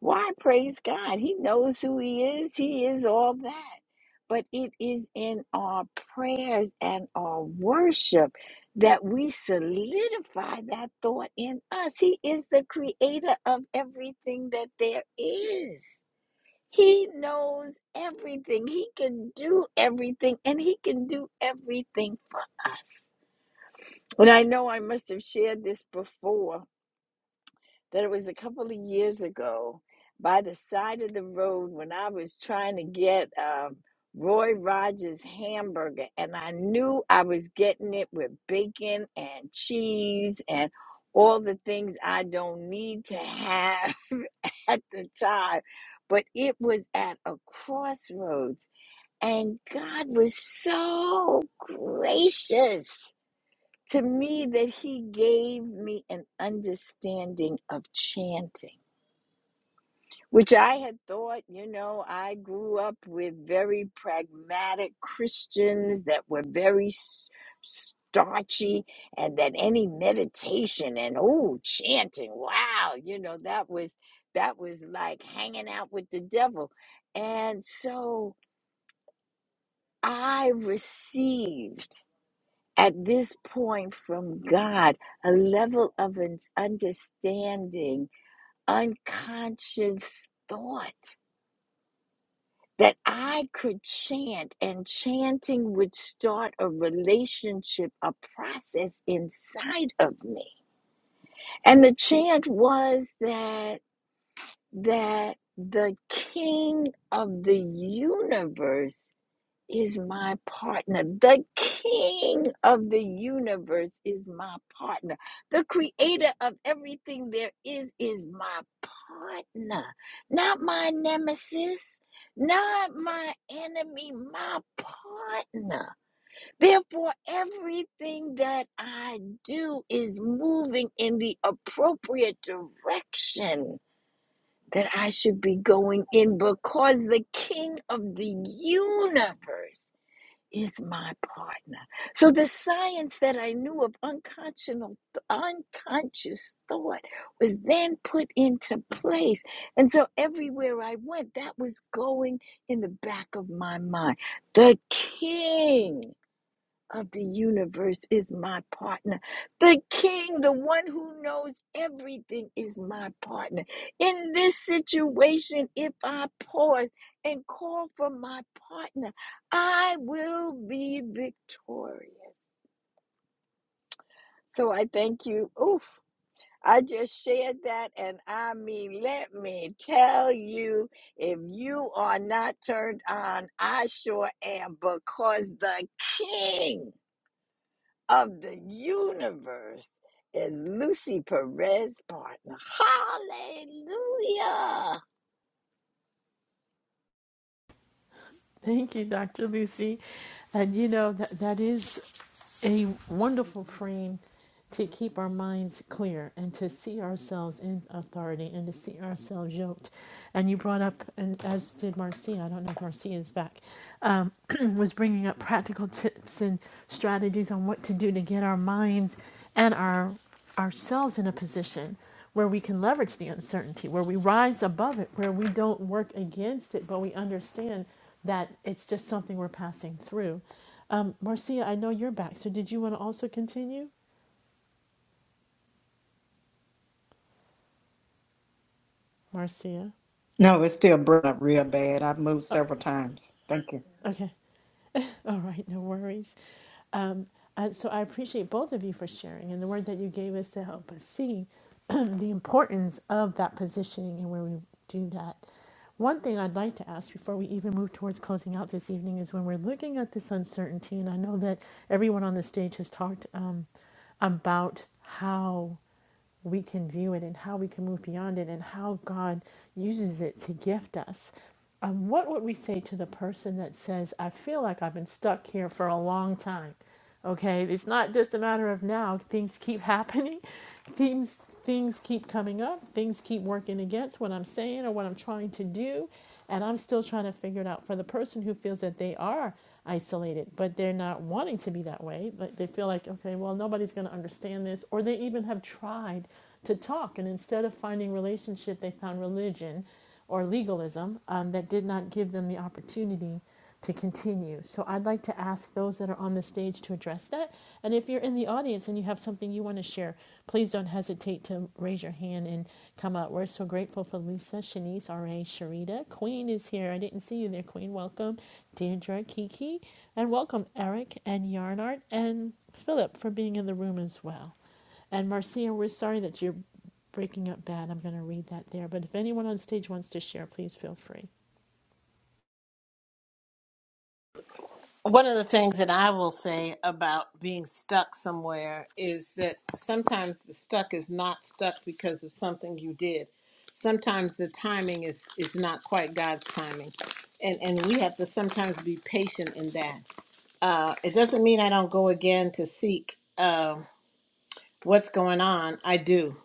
G: Why praise God? He knows who he is, he is all that. But it is in our prayers and our worship that we solidify that thought in us. He is the creator of everything that there is. He knows everything. He can do everything, and He can do everything for us. And I know I must have shared this before, that it was a couple of years ago by the side of the road when I was trying to get um, Roy Rogers hamburger, and I knew I was getting it with bacon and cheese and all the things I don't need to have at the time. But it was at a crossroads, and God was so gracious to me that he gave me an understanding of chanting, which I had thought, you know, I grew up with very pragmatic Christians that were very s- starchy, and that any meditation and oh, chanting, wow, you know, that was that was like hanging out with the devil, and so I received. at this point from God, a level of understanding, unconscious thought that I could chant, and chanting would start a relationship, a process inside of me. And the chant was that that the king of the universe is my partner. The king of the universe is my partner. The creator of everything there is is my partner. Not my nemesis, not my enemy, my partner. Therefore, everything that I do is moving in the appropriate direction. That I should be going in because the king of the universe is my partner. So the science that I knew of unconscionable, unconscious thought was then put into place. And so everywhere I went, that was going in the back of my mind. The king of the universe is my partner. The king, the one who knows everything, is my partner. In this situation, if I pause and call for my partner, I will be victorious. So I thank you. Oof. I just shared that, and I mean, let me tell you if you are not turned on, I sure am because the king. of the universe is Lucy Perez's partner. Hallelujah.
A: Thank you, Dr. Lucy. And you know, that, that is a wonderful frame to keep our minds clear and to see ourselves in authority and to see ourselves yoked. And you brought up, and as did Marcia, I don't know if Marcia is back, um, was bringing up practical tips and strategies on what to do to get our minds and our ourselves in a position where we can leverage the uncertainty, where we rise above it, where we don't work against it, but we understand that it's just something we're passing through. Um, Marcia, I know you're back, so did you want to also continue? Marcia?
E: no, it's still burning up real bad. I've moved several times. Thank you.
A: Okay, all right, no worries. Um, and so I appreciate both of you for sharing and the word that you gave us to help us see the importance of that positioning and where we do that. One thing I'd like to ask before we even move towards closing out this evening is when we're looking at this uncertainty, and I know that everyone on the stage has talked um, about how. we can view it and how we can move beyond it and how God uses it to gift us. Um, what would we say to the person that says, I feel like I've been stuck here for a long time? Okay, it's not just a matter of now, things keep happening, things, things keep coming up, things keep working against what I'm saying or what I'm trying to do. And I'm still trying to figure it out for the person who feels that they are isolated, but they're not wanting to be that way. Like they feel like, okay, well, nobody's going to understand this. Or they even have tried to talk. And instead of finding relationship, they found religion or legalism um, that did not give them the opportunity to continue. So I'd like to ask those that are on the stage to address that. And if you're in the audience and you have something you want to share, please don't hesitate to raise your hand and come up. We're so grateful for Lisa, Shanice, R.A., Sharita. Queen is here. I didn't see you there, Queen. Welcome, Deirdre, Kiki. And welcome, Eric and Yarnart and Philip for being in the room as well. And Marcia, we're sorry that you're breaking up bad. I'm going to read that there. But if anyone on stage wants to share, please feel free.
C: One of the things that I will say about being stuck somewhere is that sometimes the stuck is not stuck because of something you did. Sometimes the timing is, is not quite God's timing. And, and we have to sometimes be patient in that. Uh, it doesn't mean I don't go again to seek uh, what's going on. I do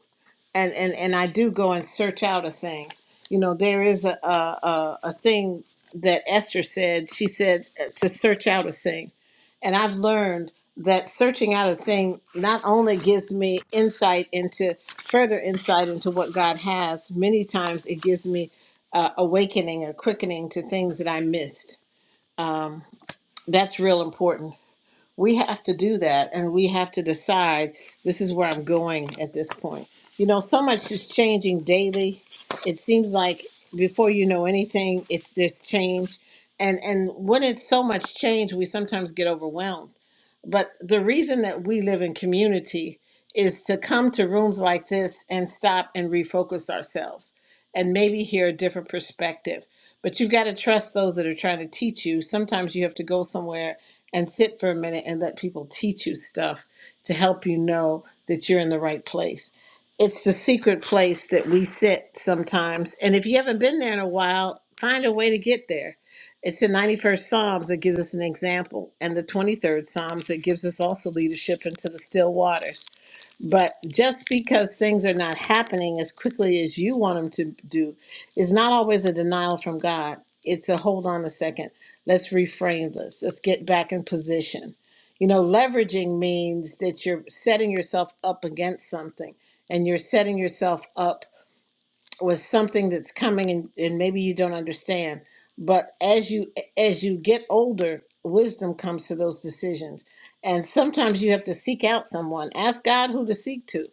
C: and and and I do go and search out a thing. You know, there is a a, a, thing that Esther said. She said uh, to search out a thing, and I've learned that searching out a thing not only gives me insight into further insight into what God has. Many times it gives me uh, awakening or quickening to things that I missed. Um, that's real important we have to do that and we have to decide this is where I'm going at this point. You know, so much is changing daily. It seems like before you know anything, it's this change. And and when it's so much change, we sometimes get overwhelmed but the reason that we live in community is to come to rooms like this and stop and refocus ourselves and maybe hear a different perspective. But you've got to trust those that are trying to teach you. Sometimes you have to go somewhere and sit for a minute and let people teach you stuff to help you know that you're in the right place. It's the secret place that we sit sometimes. And if you haven't been there in a while, find a way to get there it's the 91st Psalms that gives us an example, and the 23rd Psalms that gives us also leadership into the still waters. But just because things are not happening as quickly as you want them to do is not always a denial from God. It's a hold on a second. Let's reframe this. Let's get back in position. You know, leveraging means that you're setting yourself up against something and you're setting yourself up with something that's coming and, and maybe you don't understand but as you as you get older wisdom comes to those decisions and sometimes you have to seek out someone ask god who to seek to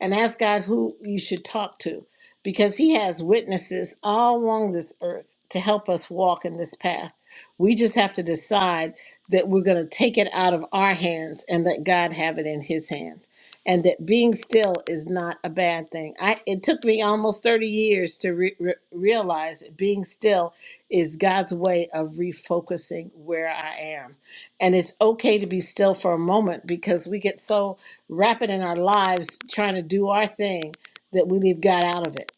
C: and ask god who you should talk to because he has witnesses all along this earth to help us walk in this path we just have to decide that we're going to take it out of our hands and let god have it in his hands and that being still is not a bad thing. I it took me almost 30 years to re- re- realize that being still is God's way of refocusing where I am. And it's okay to be still for a moment because we get so rapid in our lives trying to do our thing that we leave God out of it.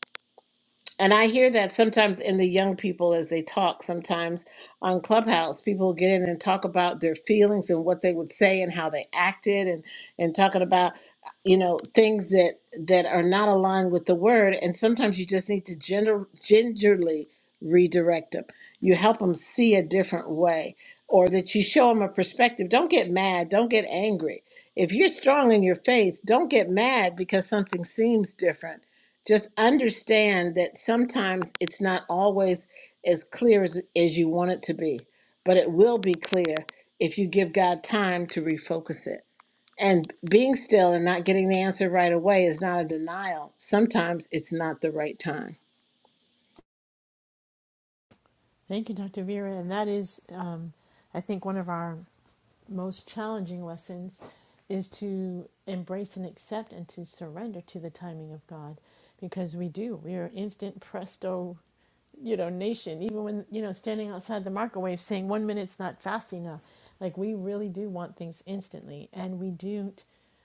C: And I hear that sometimes in the young people as they talk, sometimes on Clubhouse, people get in and talk about their feelings and what they would say and how they acted and, and talking about, uh, you know, things that, that are not aligned with the word. And sometimes you just need to gender, gingerly redirect them. You help them see a different way or that you show them a perspective. Don't get mad. Don't get angry. If you're strong in your faith, don't get mad because something seems different just understand that sometimes it's not always as clear as, as you want it to be, but it will be clear if you give God time to refocus it. And being still and not getting the answer right away is not a denial. Sometimes it's not the right time.
A: Thank you, Dr. Vera. And that is, um, I think, one of our most challenging lessons is to embrace and accept and to surrender to the timing of God because we do. We are instant presto, you know, nation. Even when, you know, standing outside the microwave saying one minute's not fast enough. Like we really do want things instantly and we don't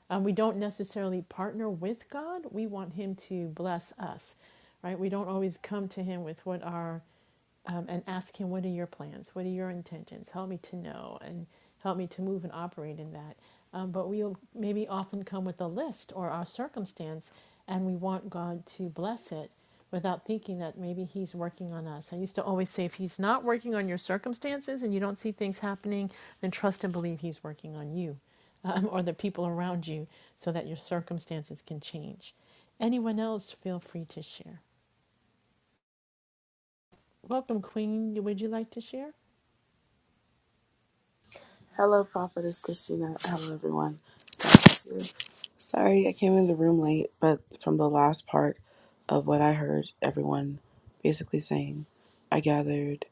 A: um, we don't necessarily partner with God. We want Him to bless us, right? We don't always come to Him with what our um, and ask him, What are your plans? What are your intentions? Help me to know and help me to move and operate in that. Um, but we'll maybe often come with a list or our circumstance, and we want God to bless it without thinking that maybe He's working on us. I used to always say, If He's not working on your circumstances and you don't see things happening, then trust and believe He's working on you um, or the people around you so that your circumstances can change. Anyone else, feel free to share. Welcome, Queen. Would you like to share?
H: Hello, Prophetess Christina. Hello, everyone. God bless you. Sorry, I came in the room late, but from the last part of what I heard everyone basically saying, I gathered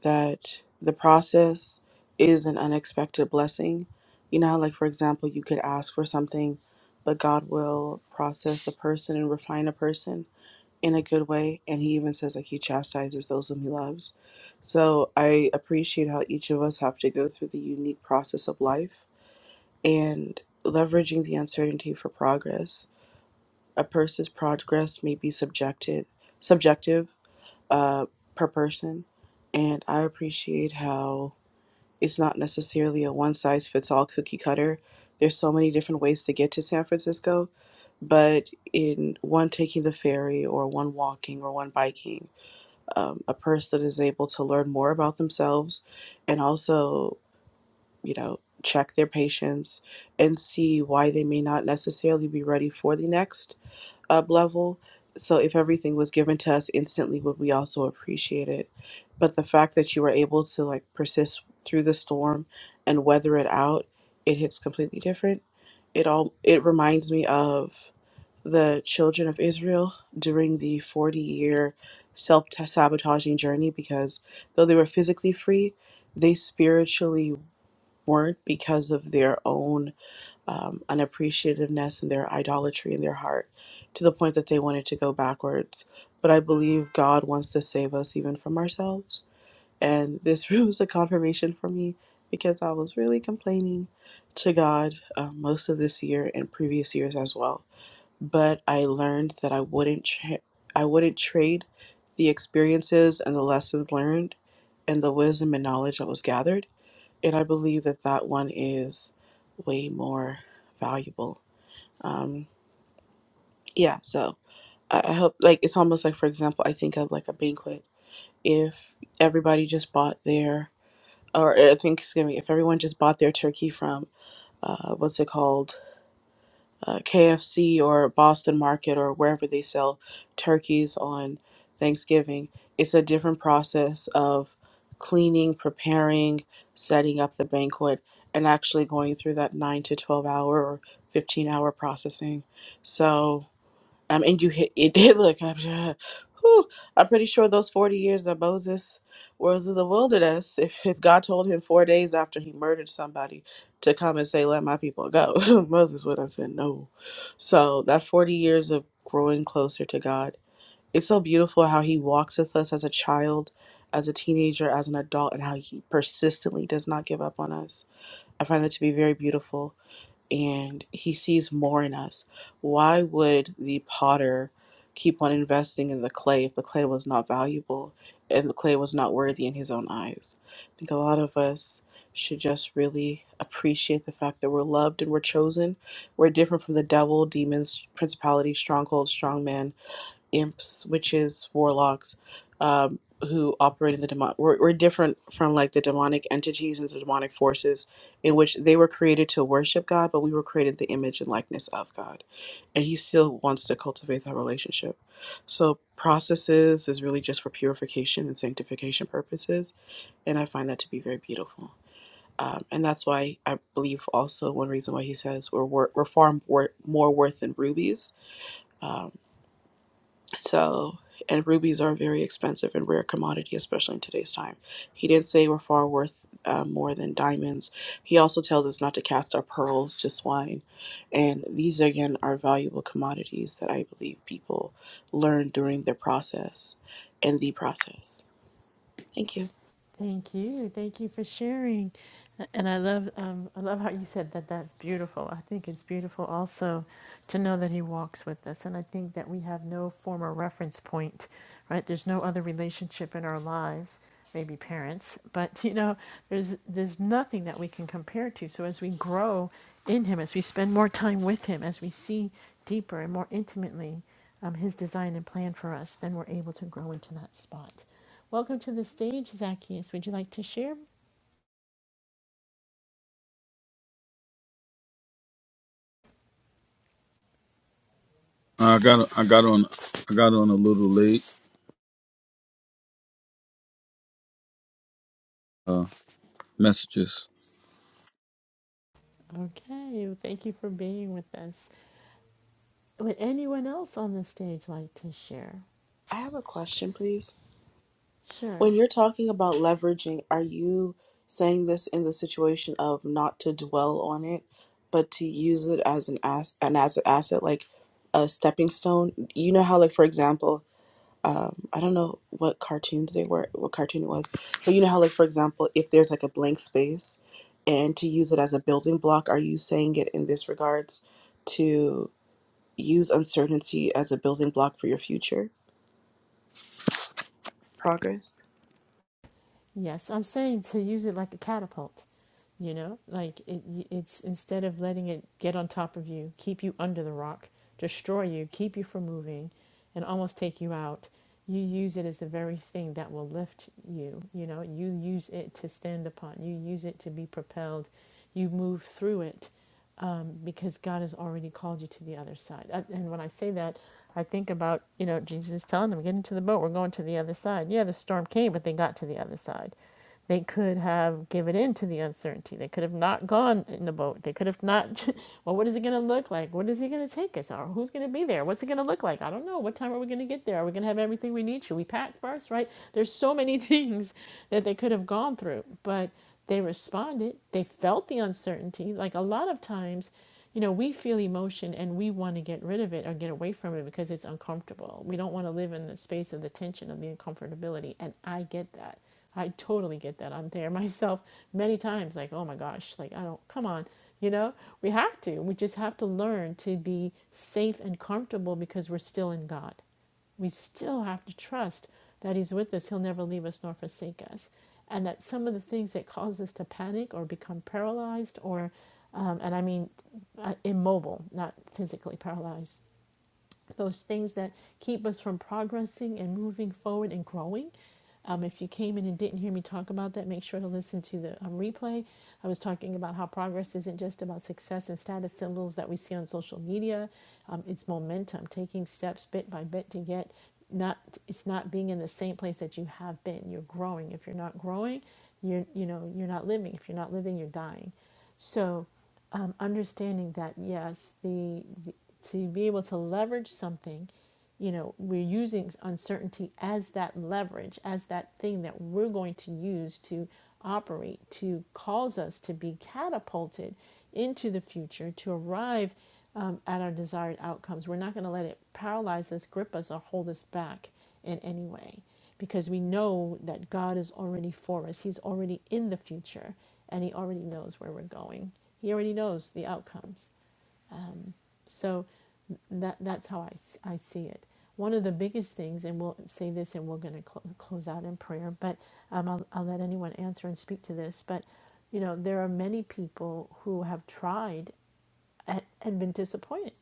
H: that the process is an unexpected blessing. You know, how, like for example, you could ask for something, but God will process a person and refine a person in a good way and he even says like he chastises those whom he loves so i appreciate how each of us have to go through the unique process of life and leveraging the uncertainty for progress a person's progress may be subjected subjective uh, per person and i appreciate how it's not necessarily a one size fits all cookie cutter there's so many different ways to get to san francisco but in one taking the ferry or one walking or one biking um, a person is able to learn more about themselves and also, you know, check their patients and see why they may not necessarily be ready for the next up level. So if everything was given to us instantly, would we also appreciate it? But the fact that you were able to like persist through the storm and weather it out, it hits completely different. It all it reminds me of the children of Israel during the 40 year self sabotaging journey because though they were physically free, they spiritually weren't because of their own um, unappreciativeness and their idolatry in their heart to the point that they wanted to go backwards. But I believe God wants to save us even from ourselves. And this room was a confirmation for me because I was really complaining to God uh, most of this year and previous years as well. But I learned that I wouldn't tra- I wouldn't trade the experiences and the lessons learned and the wisdom and knowledge that was gathered and I believe that that one is way more valuable. Um, yeah, so I, I hope like it's almost like for example, I think of like a banquet. If everybody just bought their, or I think excuse me, if everyone just bought their turkey from uh, what's it called? uh, KFC or Boston Market or wherever they sell turkeys on Thanksgiving. It's a different process of cleaning, preparing, setting up the banquet, and actually going through that 9 to 12 hour or 15 hour processing. So, um, and you hit it did look. I'm sure. Whew, I'm pretty sure those 40 years that Moses was in the wilderness, if, if God told him four days after he murdered somebody to come and say, Let my people go, Moses would have said no. So that 40 years of growing closer to God, it's so beautiful how he walks with us as a child, as a teenager, as an adult, and how he persistently does not give up on us. I find that to be very beautiful and he sees more in us. Why would the potter keep on investing in the clay if the clay was not valuable and the clay was not worthy in his own eyes? I think a lot of us should just really appreciate the fact that we're loved and we're chosen. We're different from the devil, demons, principalities, strongholds, strongmen imps, witches, warlocks, um, who operate in the demon. We're, we're different from like the demonic entities and the demonic forces, in which they were created to worship God, but we were created in the image and likeness of God, and He still wants to cultivate that relationship. So processes is really just for purification and sanctification purposes, and I find that to be very beautiful. Um, and that's why I believe also one reason why he says we're wor- we're far wor- more worth than rubies Um, so, and rubies are a very expensive and rare commodity, especially in today's time. He didn't say we're far worth uh, more than diamonds. He also tells us not to cast our pearls to swine. And these, again, are valuable commodities that I believe people learn during their process and the process. Thank you.
A: Thank you. Thank you for sharing. And I love um, I love how you said that that's beautiful. I think it's beautiful also to know that he walks with us. And I think that we have no former reference point, right? There's no other relationship in our lives, maybe parents, but you know, there's there's nothing that we can compare to. So as we grow in him, as we spend more time with him, as we see deeper and more intimately um, his design and plan for us, then we're able to grow into that spot. Welcome to the stage, Zacchaeus. Would you like to share?
I: I got I got on I got on a little late. Uh, messages.
A: Okay, thank you for being with us. Would anyone else on the stage like to share?
H: I have a question, please.
A: Sure.
H: When you're talking about leveraging, are you saying this in the situation of not to dwell on it, but to use it as an as an as an asset, like a stepping stone? You know how, like for example, um, I don't know what cartoons they were, what cartoon it was, but you know how, like for example, if there's like a blank space, and to use it as a building block, are you saying it in this regards to use uncertainty as a building block for your future progress?
A: Yes, I'm saying to use it like a catapult. You know, like it, it's instead of letting it get on top of you, keep you under the rock, destroy you, keep you from moving, and almost take you out. You use it as the very thing that will lift you. You know, you use it to stand upon. You use it to be propelled. You move through it um, because God has already called you to the other side. Uh, And when I say that, I think about, you know, Jesus telling them, get into the boat, we're going to the other side. Yeah, the storm came, but they got to the other side. They could have given in to the uncertainty. They could have not gone in the boat. They could have not, well, what is it going to look like? What is he going to take us? Or who's going to be there? What's it going to look like? I don't know. What time are we going to get there? Are we going to have everything we need? Should we pack first, right? There's so many things that they could have gone through, but they responded, they felt the uncertainty. Like a lot of times, you know, we feel emotion and we want to get rid of it or get away from it because it's uncomfortable. We don't want to live in the space of the tension of the uncomfortability. And I get that. I totally get that. I'm there myself many times, like, oh my gosh, like, I don't, come on. You know, we have to. We just have to learn to be safe and comfortable because we're still in God we still have to trust that He's with us. He'll never leave us nor forsake us. And that some of the things that cause us to panic or become paralyzed, or, um, and I mean uh, immobile, not physically paralyzed, those things that keep us from progressing and moving forward and growing. Um, if you came in and didn't hear me talk about that, make sure to listen to the um, replay. I was talking about how progress isn't just about success and status symbols that we see on social media. Um, it's momentum, taking steps bit by bit to get not. It's not being in the same place that you have been. You're growing. If you're not growing, you're you know you're not living. If you're not living, you're dying. So um, understanding that yes, the, the to be able to leverage something, you know, we're using uncertainty as that leverage, as that thing that we're going to use to operate, to cause us to be catapulted into the future, to arrive um, at our desired outcomes. We're not going to let it paralyze us, grip us, or hold us back in any way because we know that God is already for us. He's already in the future and he already knows where we're going. He already knows the outcomes. So that that's how I I see it. One of the biggest things, and we'll say this and we're going to cl- close out in prayer, but um, I'll, I'll let anyone answer and speak to this. But, you know, there are many people who have tried and, and been disappointed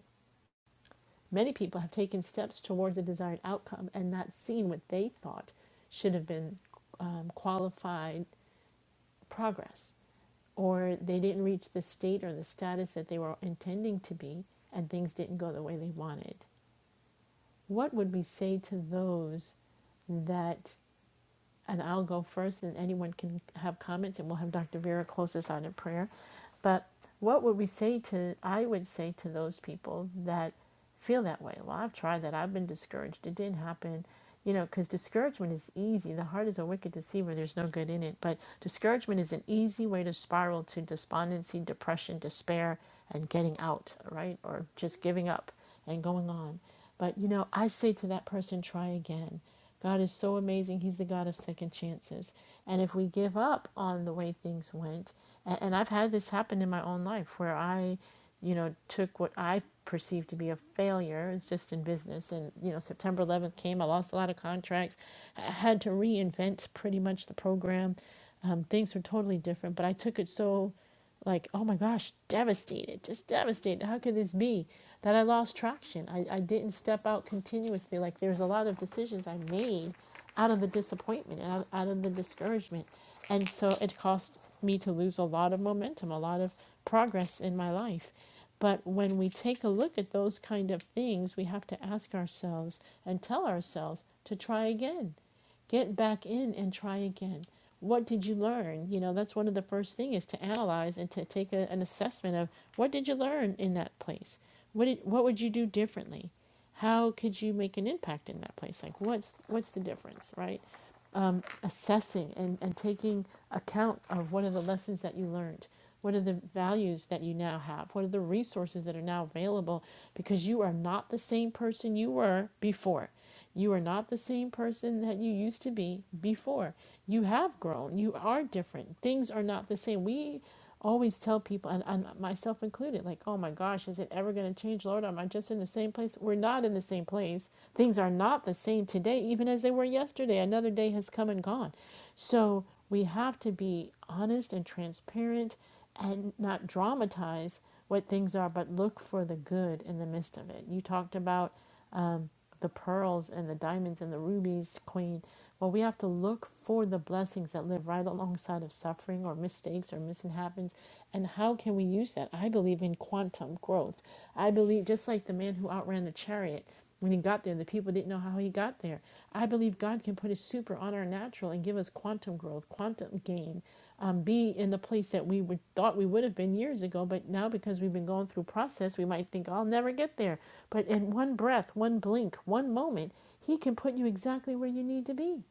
A: Many people have taken steps towards a desired outcome and not seen what they thought should have been um, qualified progress, or they didn't reach the state or the status that they were intending to be, and things didn't go the way they wanted. What would we say to those? that and I'll go first, and anyone can have comments, and we'll have Dr. Vera close us out in prayer. But what would we say to, I would say to those people that feel that way? Well, I've tried that. I've been discouraged. It didn't happen. You know, because discouragement is easy. The heart is a wicked deceiver. There's no good in it. But discouragement is an easy way to spiral to despondency, depression, despair, and getting out, right? Or just giving up and going on. But, you know, I say to that person, try again God is so amazing. He's the God of second chances. And if we give up on the way things went, and, and I've had this happen in my own life where I, you know, took what I perceived to be a failure, it's just in business. And, you know, September 11th came, I lost a lot of contracts, I had to reinvent pretty much the program. Um, things were totally different, but I took it so like, oh my gosh, devastated, just devastated. How could this be? That I lost traction. I, I didn't step out continuously. Like there's a lot of decisions I made out of the disappointment and out, out of the discouragement. And so it cost me to lose a lot of momentum, a lot of progress in my life. But when we take a look at those kind of things, we have to ask ourselves and tell ourselves to try again get back in and try again what did you learn you know that's one of the first things is to analyze and to take a, an assessment of what did you learn in that place what did, what would you do differently how could you make an impact in that place like what's what's the difference right assessing and, and taking account of what are the lessons that you learned what are the values that you now have what are the resources that are now available because you are not the same person you were before you are not the same person that you used to be before you have grown you are different things are not the same we always tell people, and, and myself included, like, oh my gosh, is it ever going to change, Lord? Am I just in the same place? We're not in the same place. Things are not the same today, even as they were yesterday. Another day has come and gone. So we have to be honest and transparent and not dramatize what things are, but look for the good in the midst of it. You talked about um, the pearls and the diamonds and the rubies, Queen. Well, we have to look for the blessings that live right alongside of suffering or mistakes or mishaps. And how can we use that? I believe in quantum growth. I believe, just like the man who outran the chariot, when he got there, the people didn't know how he got there. I believe God can put his super on our natural and give us quantum growth, quantum gain um, be in the place that we would, thought we would have been years ago, but now because we've been going through process, we might think, I'll never get there. But in one breath, one blink, one moment, He can put you exactly where you need to be.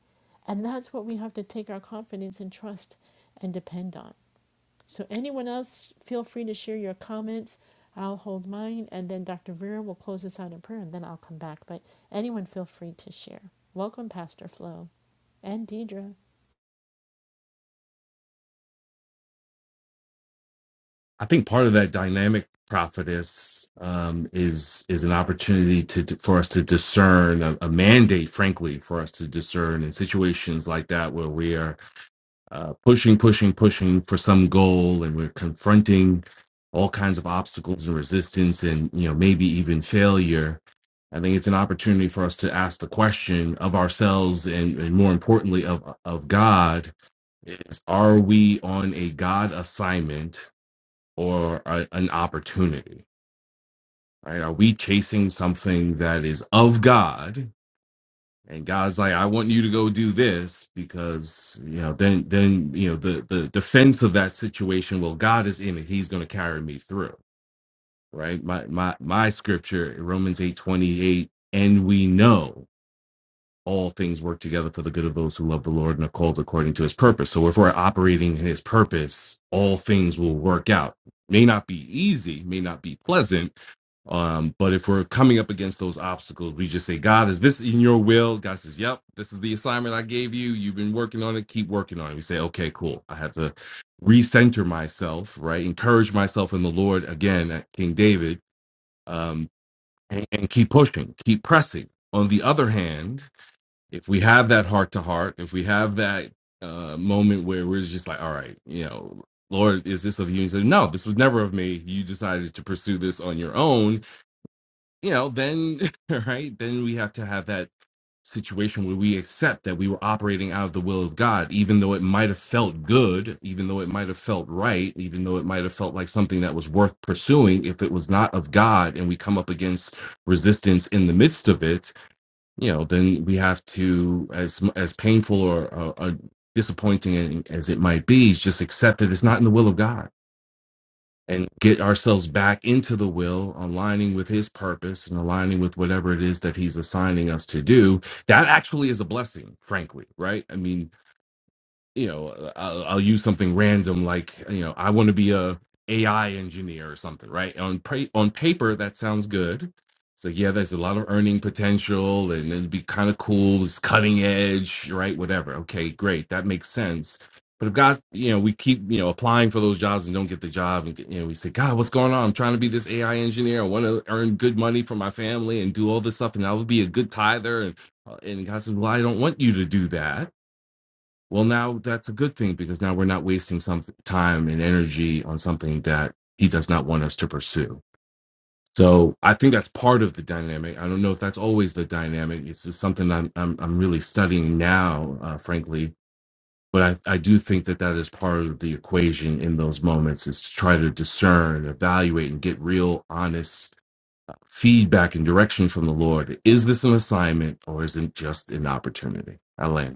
A: And that's what we have to take our confidence and trust and depend on. So, anyone else, feel free to share your comments. I'll hold mine, and then Dr. Vera will close us out in prayer, and then I'll come back. But anyone, feel free to share. Welcome, Pastor Flo and Deidre.
F: I think part of that dynamic prophetess um, is is an opportunity to, to- for us to discern a, a mandate, frankly, for us to discern in situations like that where we are uh, pushing, pushing, pushing for some goal, and we're confronting all kinds of obstacles and resistance, and you know maybe even failure. I think it's an opportunity for us to ask the question of ourselves and, and more importantly of of God is are we on a God assignment or a, an opportunity? Right? Are we chasing something that is of God? And God's like, I want you to go do this because you know, then then you know the the defense of that situation. Well, God is in it; He's going to carry me through. Right? My my my scripture, Romans eight twenty eight, and we know all things work together for the good of those who love the Lord and are called according to His purpose. So if we're operating in His purpose, all things will work out. May not be easy, may not be pleasant, Um, but if we're coming up against those obstacles, we just say, God, is this in your will? God says, Yep, this is the assignment I gave you. You've been working on it, keep working on it. We say, Okay, cool. I have to recenter myself, right? Encourage myself in the Lord again at King David, um, and, and keep pushing, keep pressing. On the other hand, if we have that heart to heart, if we have that uh, moment where we're just like, All right, you know, Lord, is this of you? And he said, No, this was never of me. You decided to pursue this on your own you know, then right, then we have to have that situation where we accept that we were operating out of the will of God, even though it might have felt good, even though it might have felt right, even though it might have felt like something that was worth pursuing, if it was not of God and we come up against resistance in the midst of it, you know, then we have to as as painful or uh, uh, disappointing as it might be, just accept that it's not in the will of God and get ourselves back into the will, aligning with his purpose and aligning with whatever it is that he's assigning us to do, that actually is a blessing, frankly, right? I mean, you know I'll, I'll use something random like you know i want to be a ai engineer or something right on pa- on paper that sounds good so yeah there's a lot of earning potential and it'd be kind of cool it's cutting edge right whatever okay great that makes sense but if god you know we keep you know applying for those jobs and don't get the job and you know we say god what's going on i'm trying to be this ai engineer i want to earn good money for my family and do all this stuff and i will be a good tither and uh, and god says well i don't want you to do that well, now that's a good thing because now we're not wasting some time and energy on something that he does not want us to pursue. So I think that's part of the dynamic. I don't know if that's always the dynamic. It's just something I'm I'm, I'm really studying now, uh, frankly. But I, I do think that that is part of the equation in those moments is to try to discern, evaluate, and get real, honest feedback and direction from the Lord. Is this an assignment or is it just an opportunity? Elaine.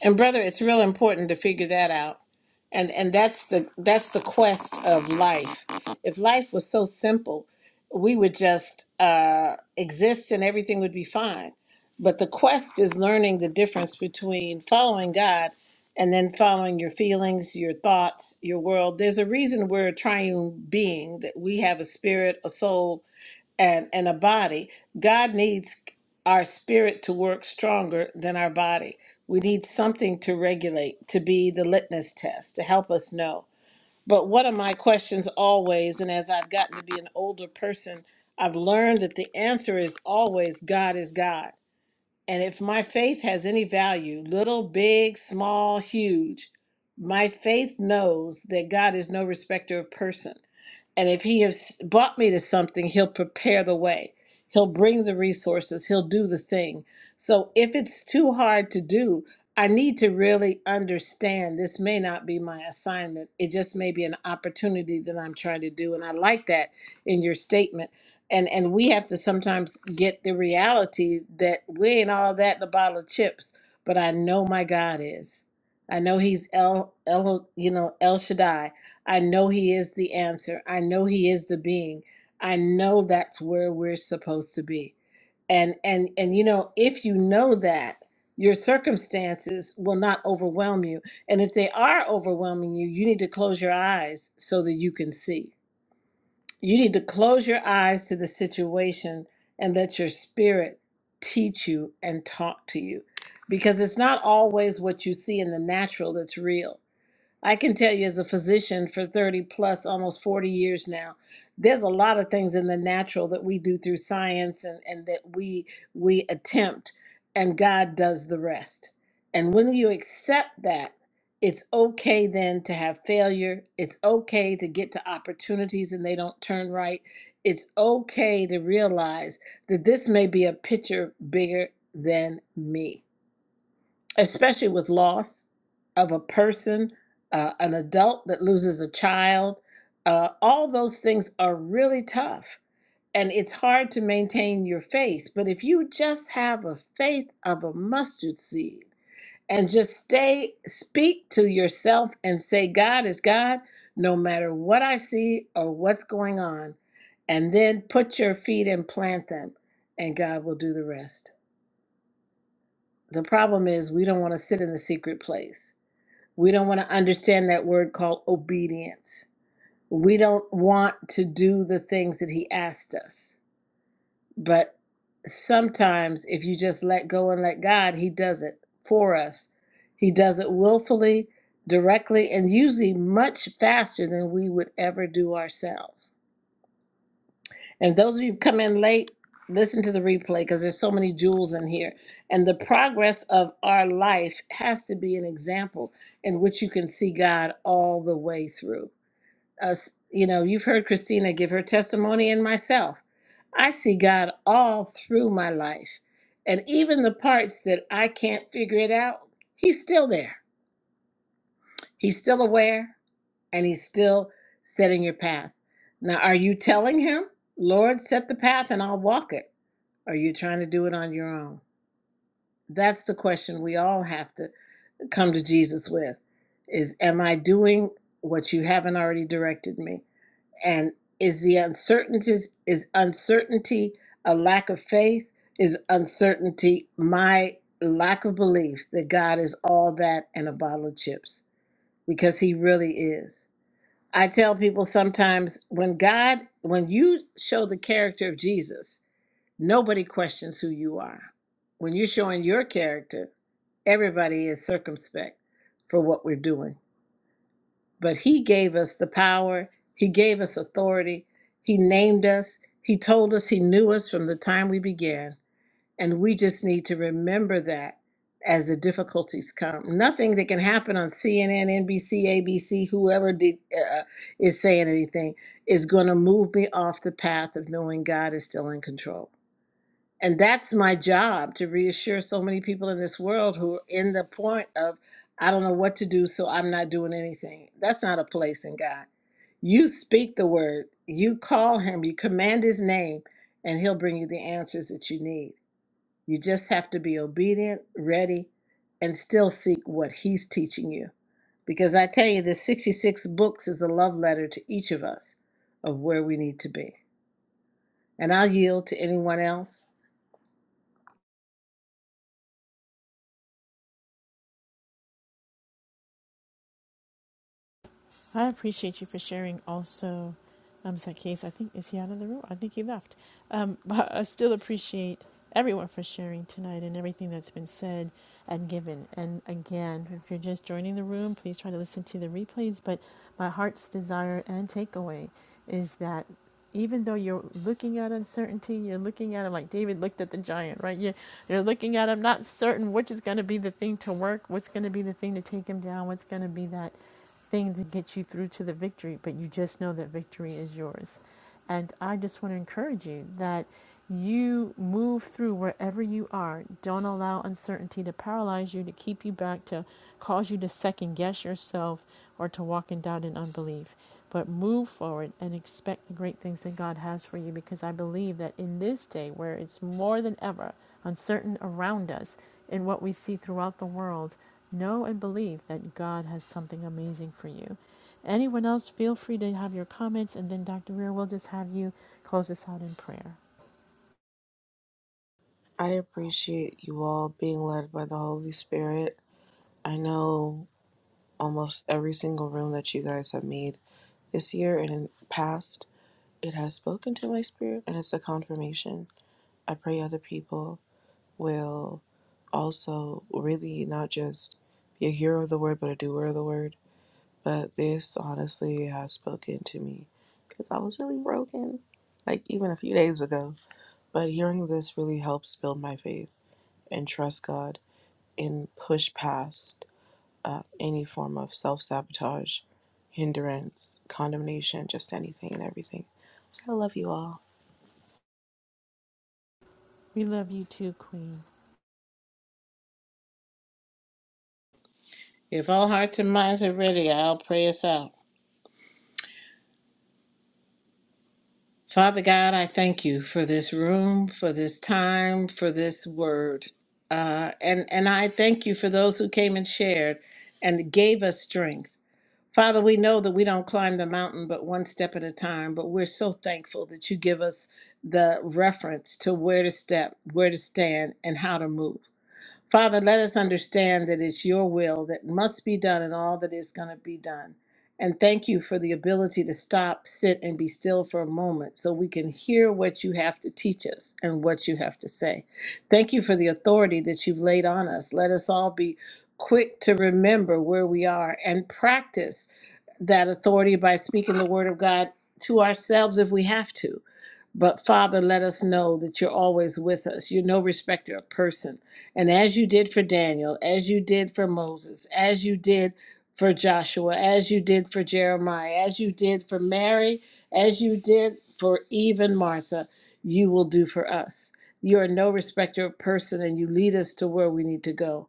C: And brother, it's real important to figure that out. And and that's the that's the quest of life. If life was so simple, we would just uh, exist and everything would be fine. But the quest is learning the difference between following God and then following your feelings, your thoughts, your world. There's a reason we're a triune being that we have a spirit, a soul, and, and a body, God needs our spirit to work stronger than our body. We need something to regulate, to be the litmus test, to help us know. But one of my questions always, and as I've gotten to be an older person, I've learned that the answer is always God is God. And if my faith has any value, little, big, small, huge, my faith knows that God is no respecter of person and if he has brought me to something, he'll prepare the way. He'll bring the resources. He'll do the thing. So if it's too hard to do, I need to really understand this may not be my assignment. It just may be an opportunity that I'm trying to do. And I like that in your statement. And and we have to sometimes get the reality that we ain't all that in a bottle of chips, but I know my God is. I know he's El El you know, El Shaddai. I know He is the answer. I know He is the being. I know that's where we're supposed to be. And and and you know, if you know that, your circumstances will not overwhelm you. And if they are overwhelming you, you need to close your eyes so that you can see. You need to close your eyes to the situation and let your spirit teach you and talk to you. Because it's not always what you see in the natural that's real I can tell you as a physician for 30 plus, almost 40 years now, there's a lot of things in the natural that we do through science and, and that we we attempt and God does the rest. And when you accept that, it's okay then to have failure. It's okay to get to opportunities and they don't turn right. It's okay to realize that this may be a picture bigger than me especially with loss of a person, uh, an adult that loses a child. Uh, all those things are really tough. And it's hard to maintain your faith. But if you just have a faith of a mustard seed and just stay, speak to yourself and say, God is God, no matter what I see or what's going on. And then put your feet and plant them, and God will do the rest. The problem is, we don't want to sit in the secret place we don't want to understand that word called obedience. We don't want to do the things that He asked us. But sometimes, if you just let go and let God, He does it for us. He does it willfully, directly, and usually much faster than we would ever do ourselves. And those of you who come in late, listen to the replay because there's so many jewels in here. And the progress of our life has to be an example in which you can see God all the way through. Us, you know, you've heard Christina give her testimony and myself. I see God all through my life. And even the parts that I can't figure it out, He's still there. He's still aware and He's still setting your path. Now, are you telling Him, Lord, set the path and I'll walk it? Are you trying to do it on your own? That's the question we all have to come to Jesus with is am I doing what you haven't already directed me? And is the uncertainties is uncertainty a lack of faith? Is uncertainty my lack of belief that God is all that and a bottle of chips? Because he really is. I tell people sometimes when God when you show the character of Jesus Nobody questions who you are. When you're showing your character, everybody is circumspect for what we're doing. But He gave us the power, He gave us authority, He named us, He told us He knew us from the time we began. And we just need to remember that as the difficulties come. Nothing that can happen on CNN, NBC, ABC, whoever did, uh, uh, is saying anything, is going to move me off the path of knowing God is still in control. And that's my job to reassure so many people in this world who are in the point of, I don't know what to do, so I'm not doing anything. That's not a place in God. You speak the word, you call him, you command his name, and he'll bring you the answers that you need. You just have to be obedient, ready, and still seek what he's teaching you. Because I tell you, the 66 books is a love letter to each of us of where we need to be. And I'll yield to anyone else.
A: I appreciate you for sharing also, um, Zacchaeus. I think, is he out of the room? I think he left. Um, but I still appreciate everyone for sharing tonight and everything that's been said and given. And again, if you're just joining the room, please try to listen to the replays. But my heart's desire and takeaway is that even though you're looking at uncertainty, you're looking at him like David looked at the giant, right? You're, you're looking at him not certain which is going to be the thing to work, what's going to be the thing to take him down, what's going to be that thing that gets you through to the victory, but you just know that victory is yours. And I just want to encourage you that you move through wherever you are. Don't allow uncertainty to paralyze you, to keep you back, to cause you to second guess yourself or to walk in doubt and unbelief. But move forward and expect the great things that God has for you because I believe that in this day where it's more than ever uncertain around us, in what we see throughout the world, Know and believe that God has something amazing for you. Anyone else, feel free to have your comments, and then Dr. Weir will just have you close us out in prayer.
H: I appreciate you all being led by the Holy Spirit. I know almost every single room that you guys have made this year and in the past, it has spoken to my spirit and it's a confirmation. I pray other people will also really not just be a hearer of the word, but a doer of the word. But this honestly has spoken to me because I was really broken, like even a few days ago. But hearing this really helps build my faith and trust God and push past uh, any form of self sabotage, hindrance, condemnation, just anything and everything. So I love you all.
A: We love you too, Queen.
C: If all hearts and minds are ready, I'll pray us out. Father God, I thank you for this room, for this time, for this word. Uh, and, and I thank you for those who came and shared and gave us strength. Father, we know that we don't climb the mountain but one step at a time, but we're so thankful that you give us the reference to where to step, where to stand, and how to move. Father, let us understand that it's your will that must be done and all that is going to be done. And thank you for the ability to stop, sit, and be still for a moment so we can hear what you have to teach us and what you have to say. Thank you for the authority that you've laid on us. Let us all be quick to remember where we are and practice that authority by speaking the word of God to ourselves if we have to but Father, let us know that you're always with us. You're no respecter of person. And as you did for Daniel, as you did for Moses, as you did for Joshua, as you did for Jeremiah, as you did for Mary, as you did for even Martha, you will do for us. You are no respecter of person, and you lead us to where we need to go.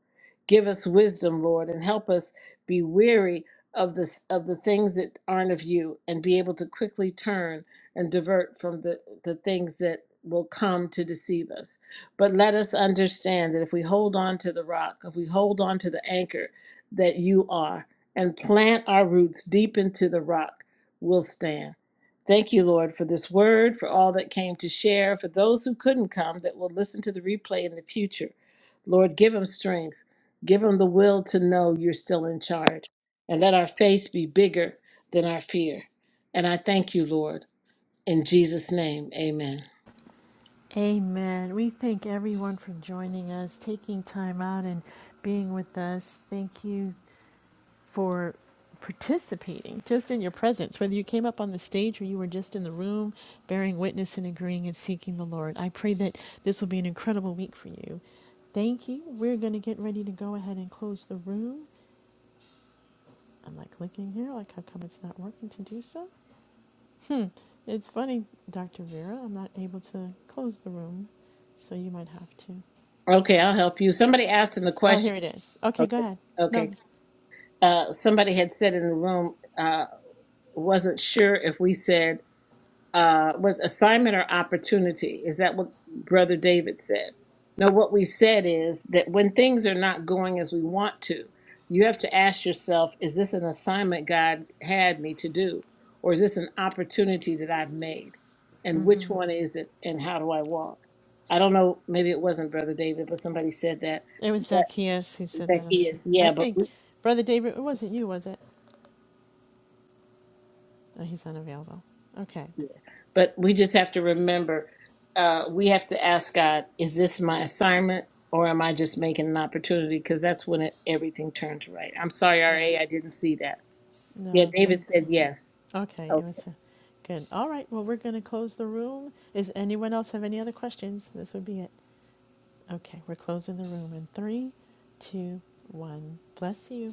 C: Give us wisdom, Lord, and help us be weary of the, of the things that aren't of you and be able to quickly turn and divert from the, the things that will come to deceive us. But let us understand that if we hold on to the rock, if we hold on to the anchor that you are, and plant our roots deep into the rock, we'll stand. Thank you, Lord, for this word, for all that came to share, for those who couldn't come that will listen to the replay in the future. Lord, give them strength. Give them the will to know you're still in charge. And let our faith be bigger than our fear. And I thank you, Lord. In Jesus' name, amen.
A: Amen. We thank everyone for joining us, taking time out and being with us. Thank you for participating just in your presence, whether you came up on the stage or you were just in the room bearing witness and agreeing and seeking the Lord. I pray that this will be an incredible week for you. Thank you. We're going to get ready to go ahead and close the room. I'm like clicking here, like how come it's not working to do so? Hmm. It's funny, Dr. Vera. I'm not able to close the room, so you might have to.
C: Okay, I'll help you. Somebody asked in the
A: Oh, here it
C: question.
A: is. Okay, go
C: Okay,
A: ahead. No,
C: okay. Uh, somebody had said in the room, uh, wasn't sure if we said uh, was assignment or opportunity. Is that what Brother David said? No, what we said is that when things are not going as we want to, you have to ask yourself, is this an assignment God had me to do? Or is this an opportunity that I've made? And which one is it? And how do I walk? I don't know, maybe it wasn't Brother David, but somebody said that.
A: it was
C: But
A: Zacchaeus who said that,
C: that
A: I'm
C: he
A: sure.
C: is,
A: I
C: yeah, but
A: think, Brother David, it wasn't you, was it? Oh, he's unavailable. Okay,
C: Yeah. But we just have to remember uh, we have to ask God, is this my assignment or am I just making an opportunity? Because that's when it, everything turns right. I'm sorry, RA,
A: yes.
C: I didn't see that. Yeah,
A: No, thank
C: David
A: you.
C: said yes.
A: Okay, it was, uh, good. All right, well, we're gonna close the room. Is anyone else have any other questions? This would be it. Okay, we're closing the room in three, two, one. Bless you.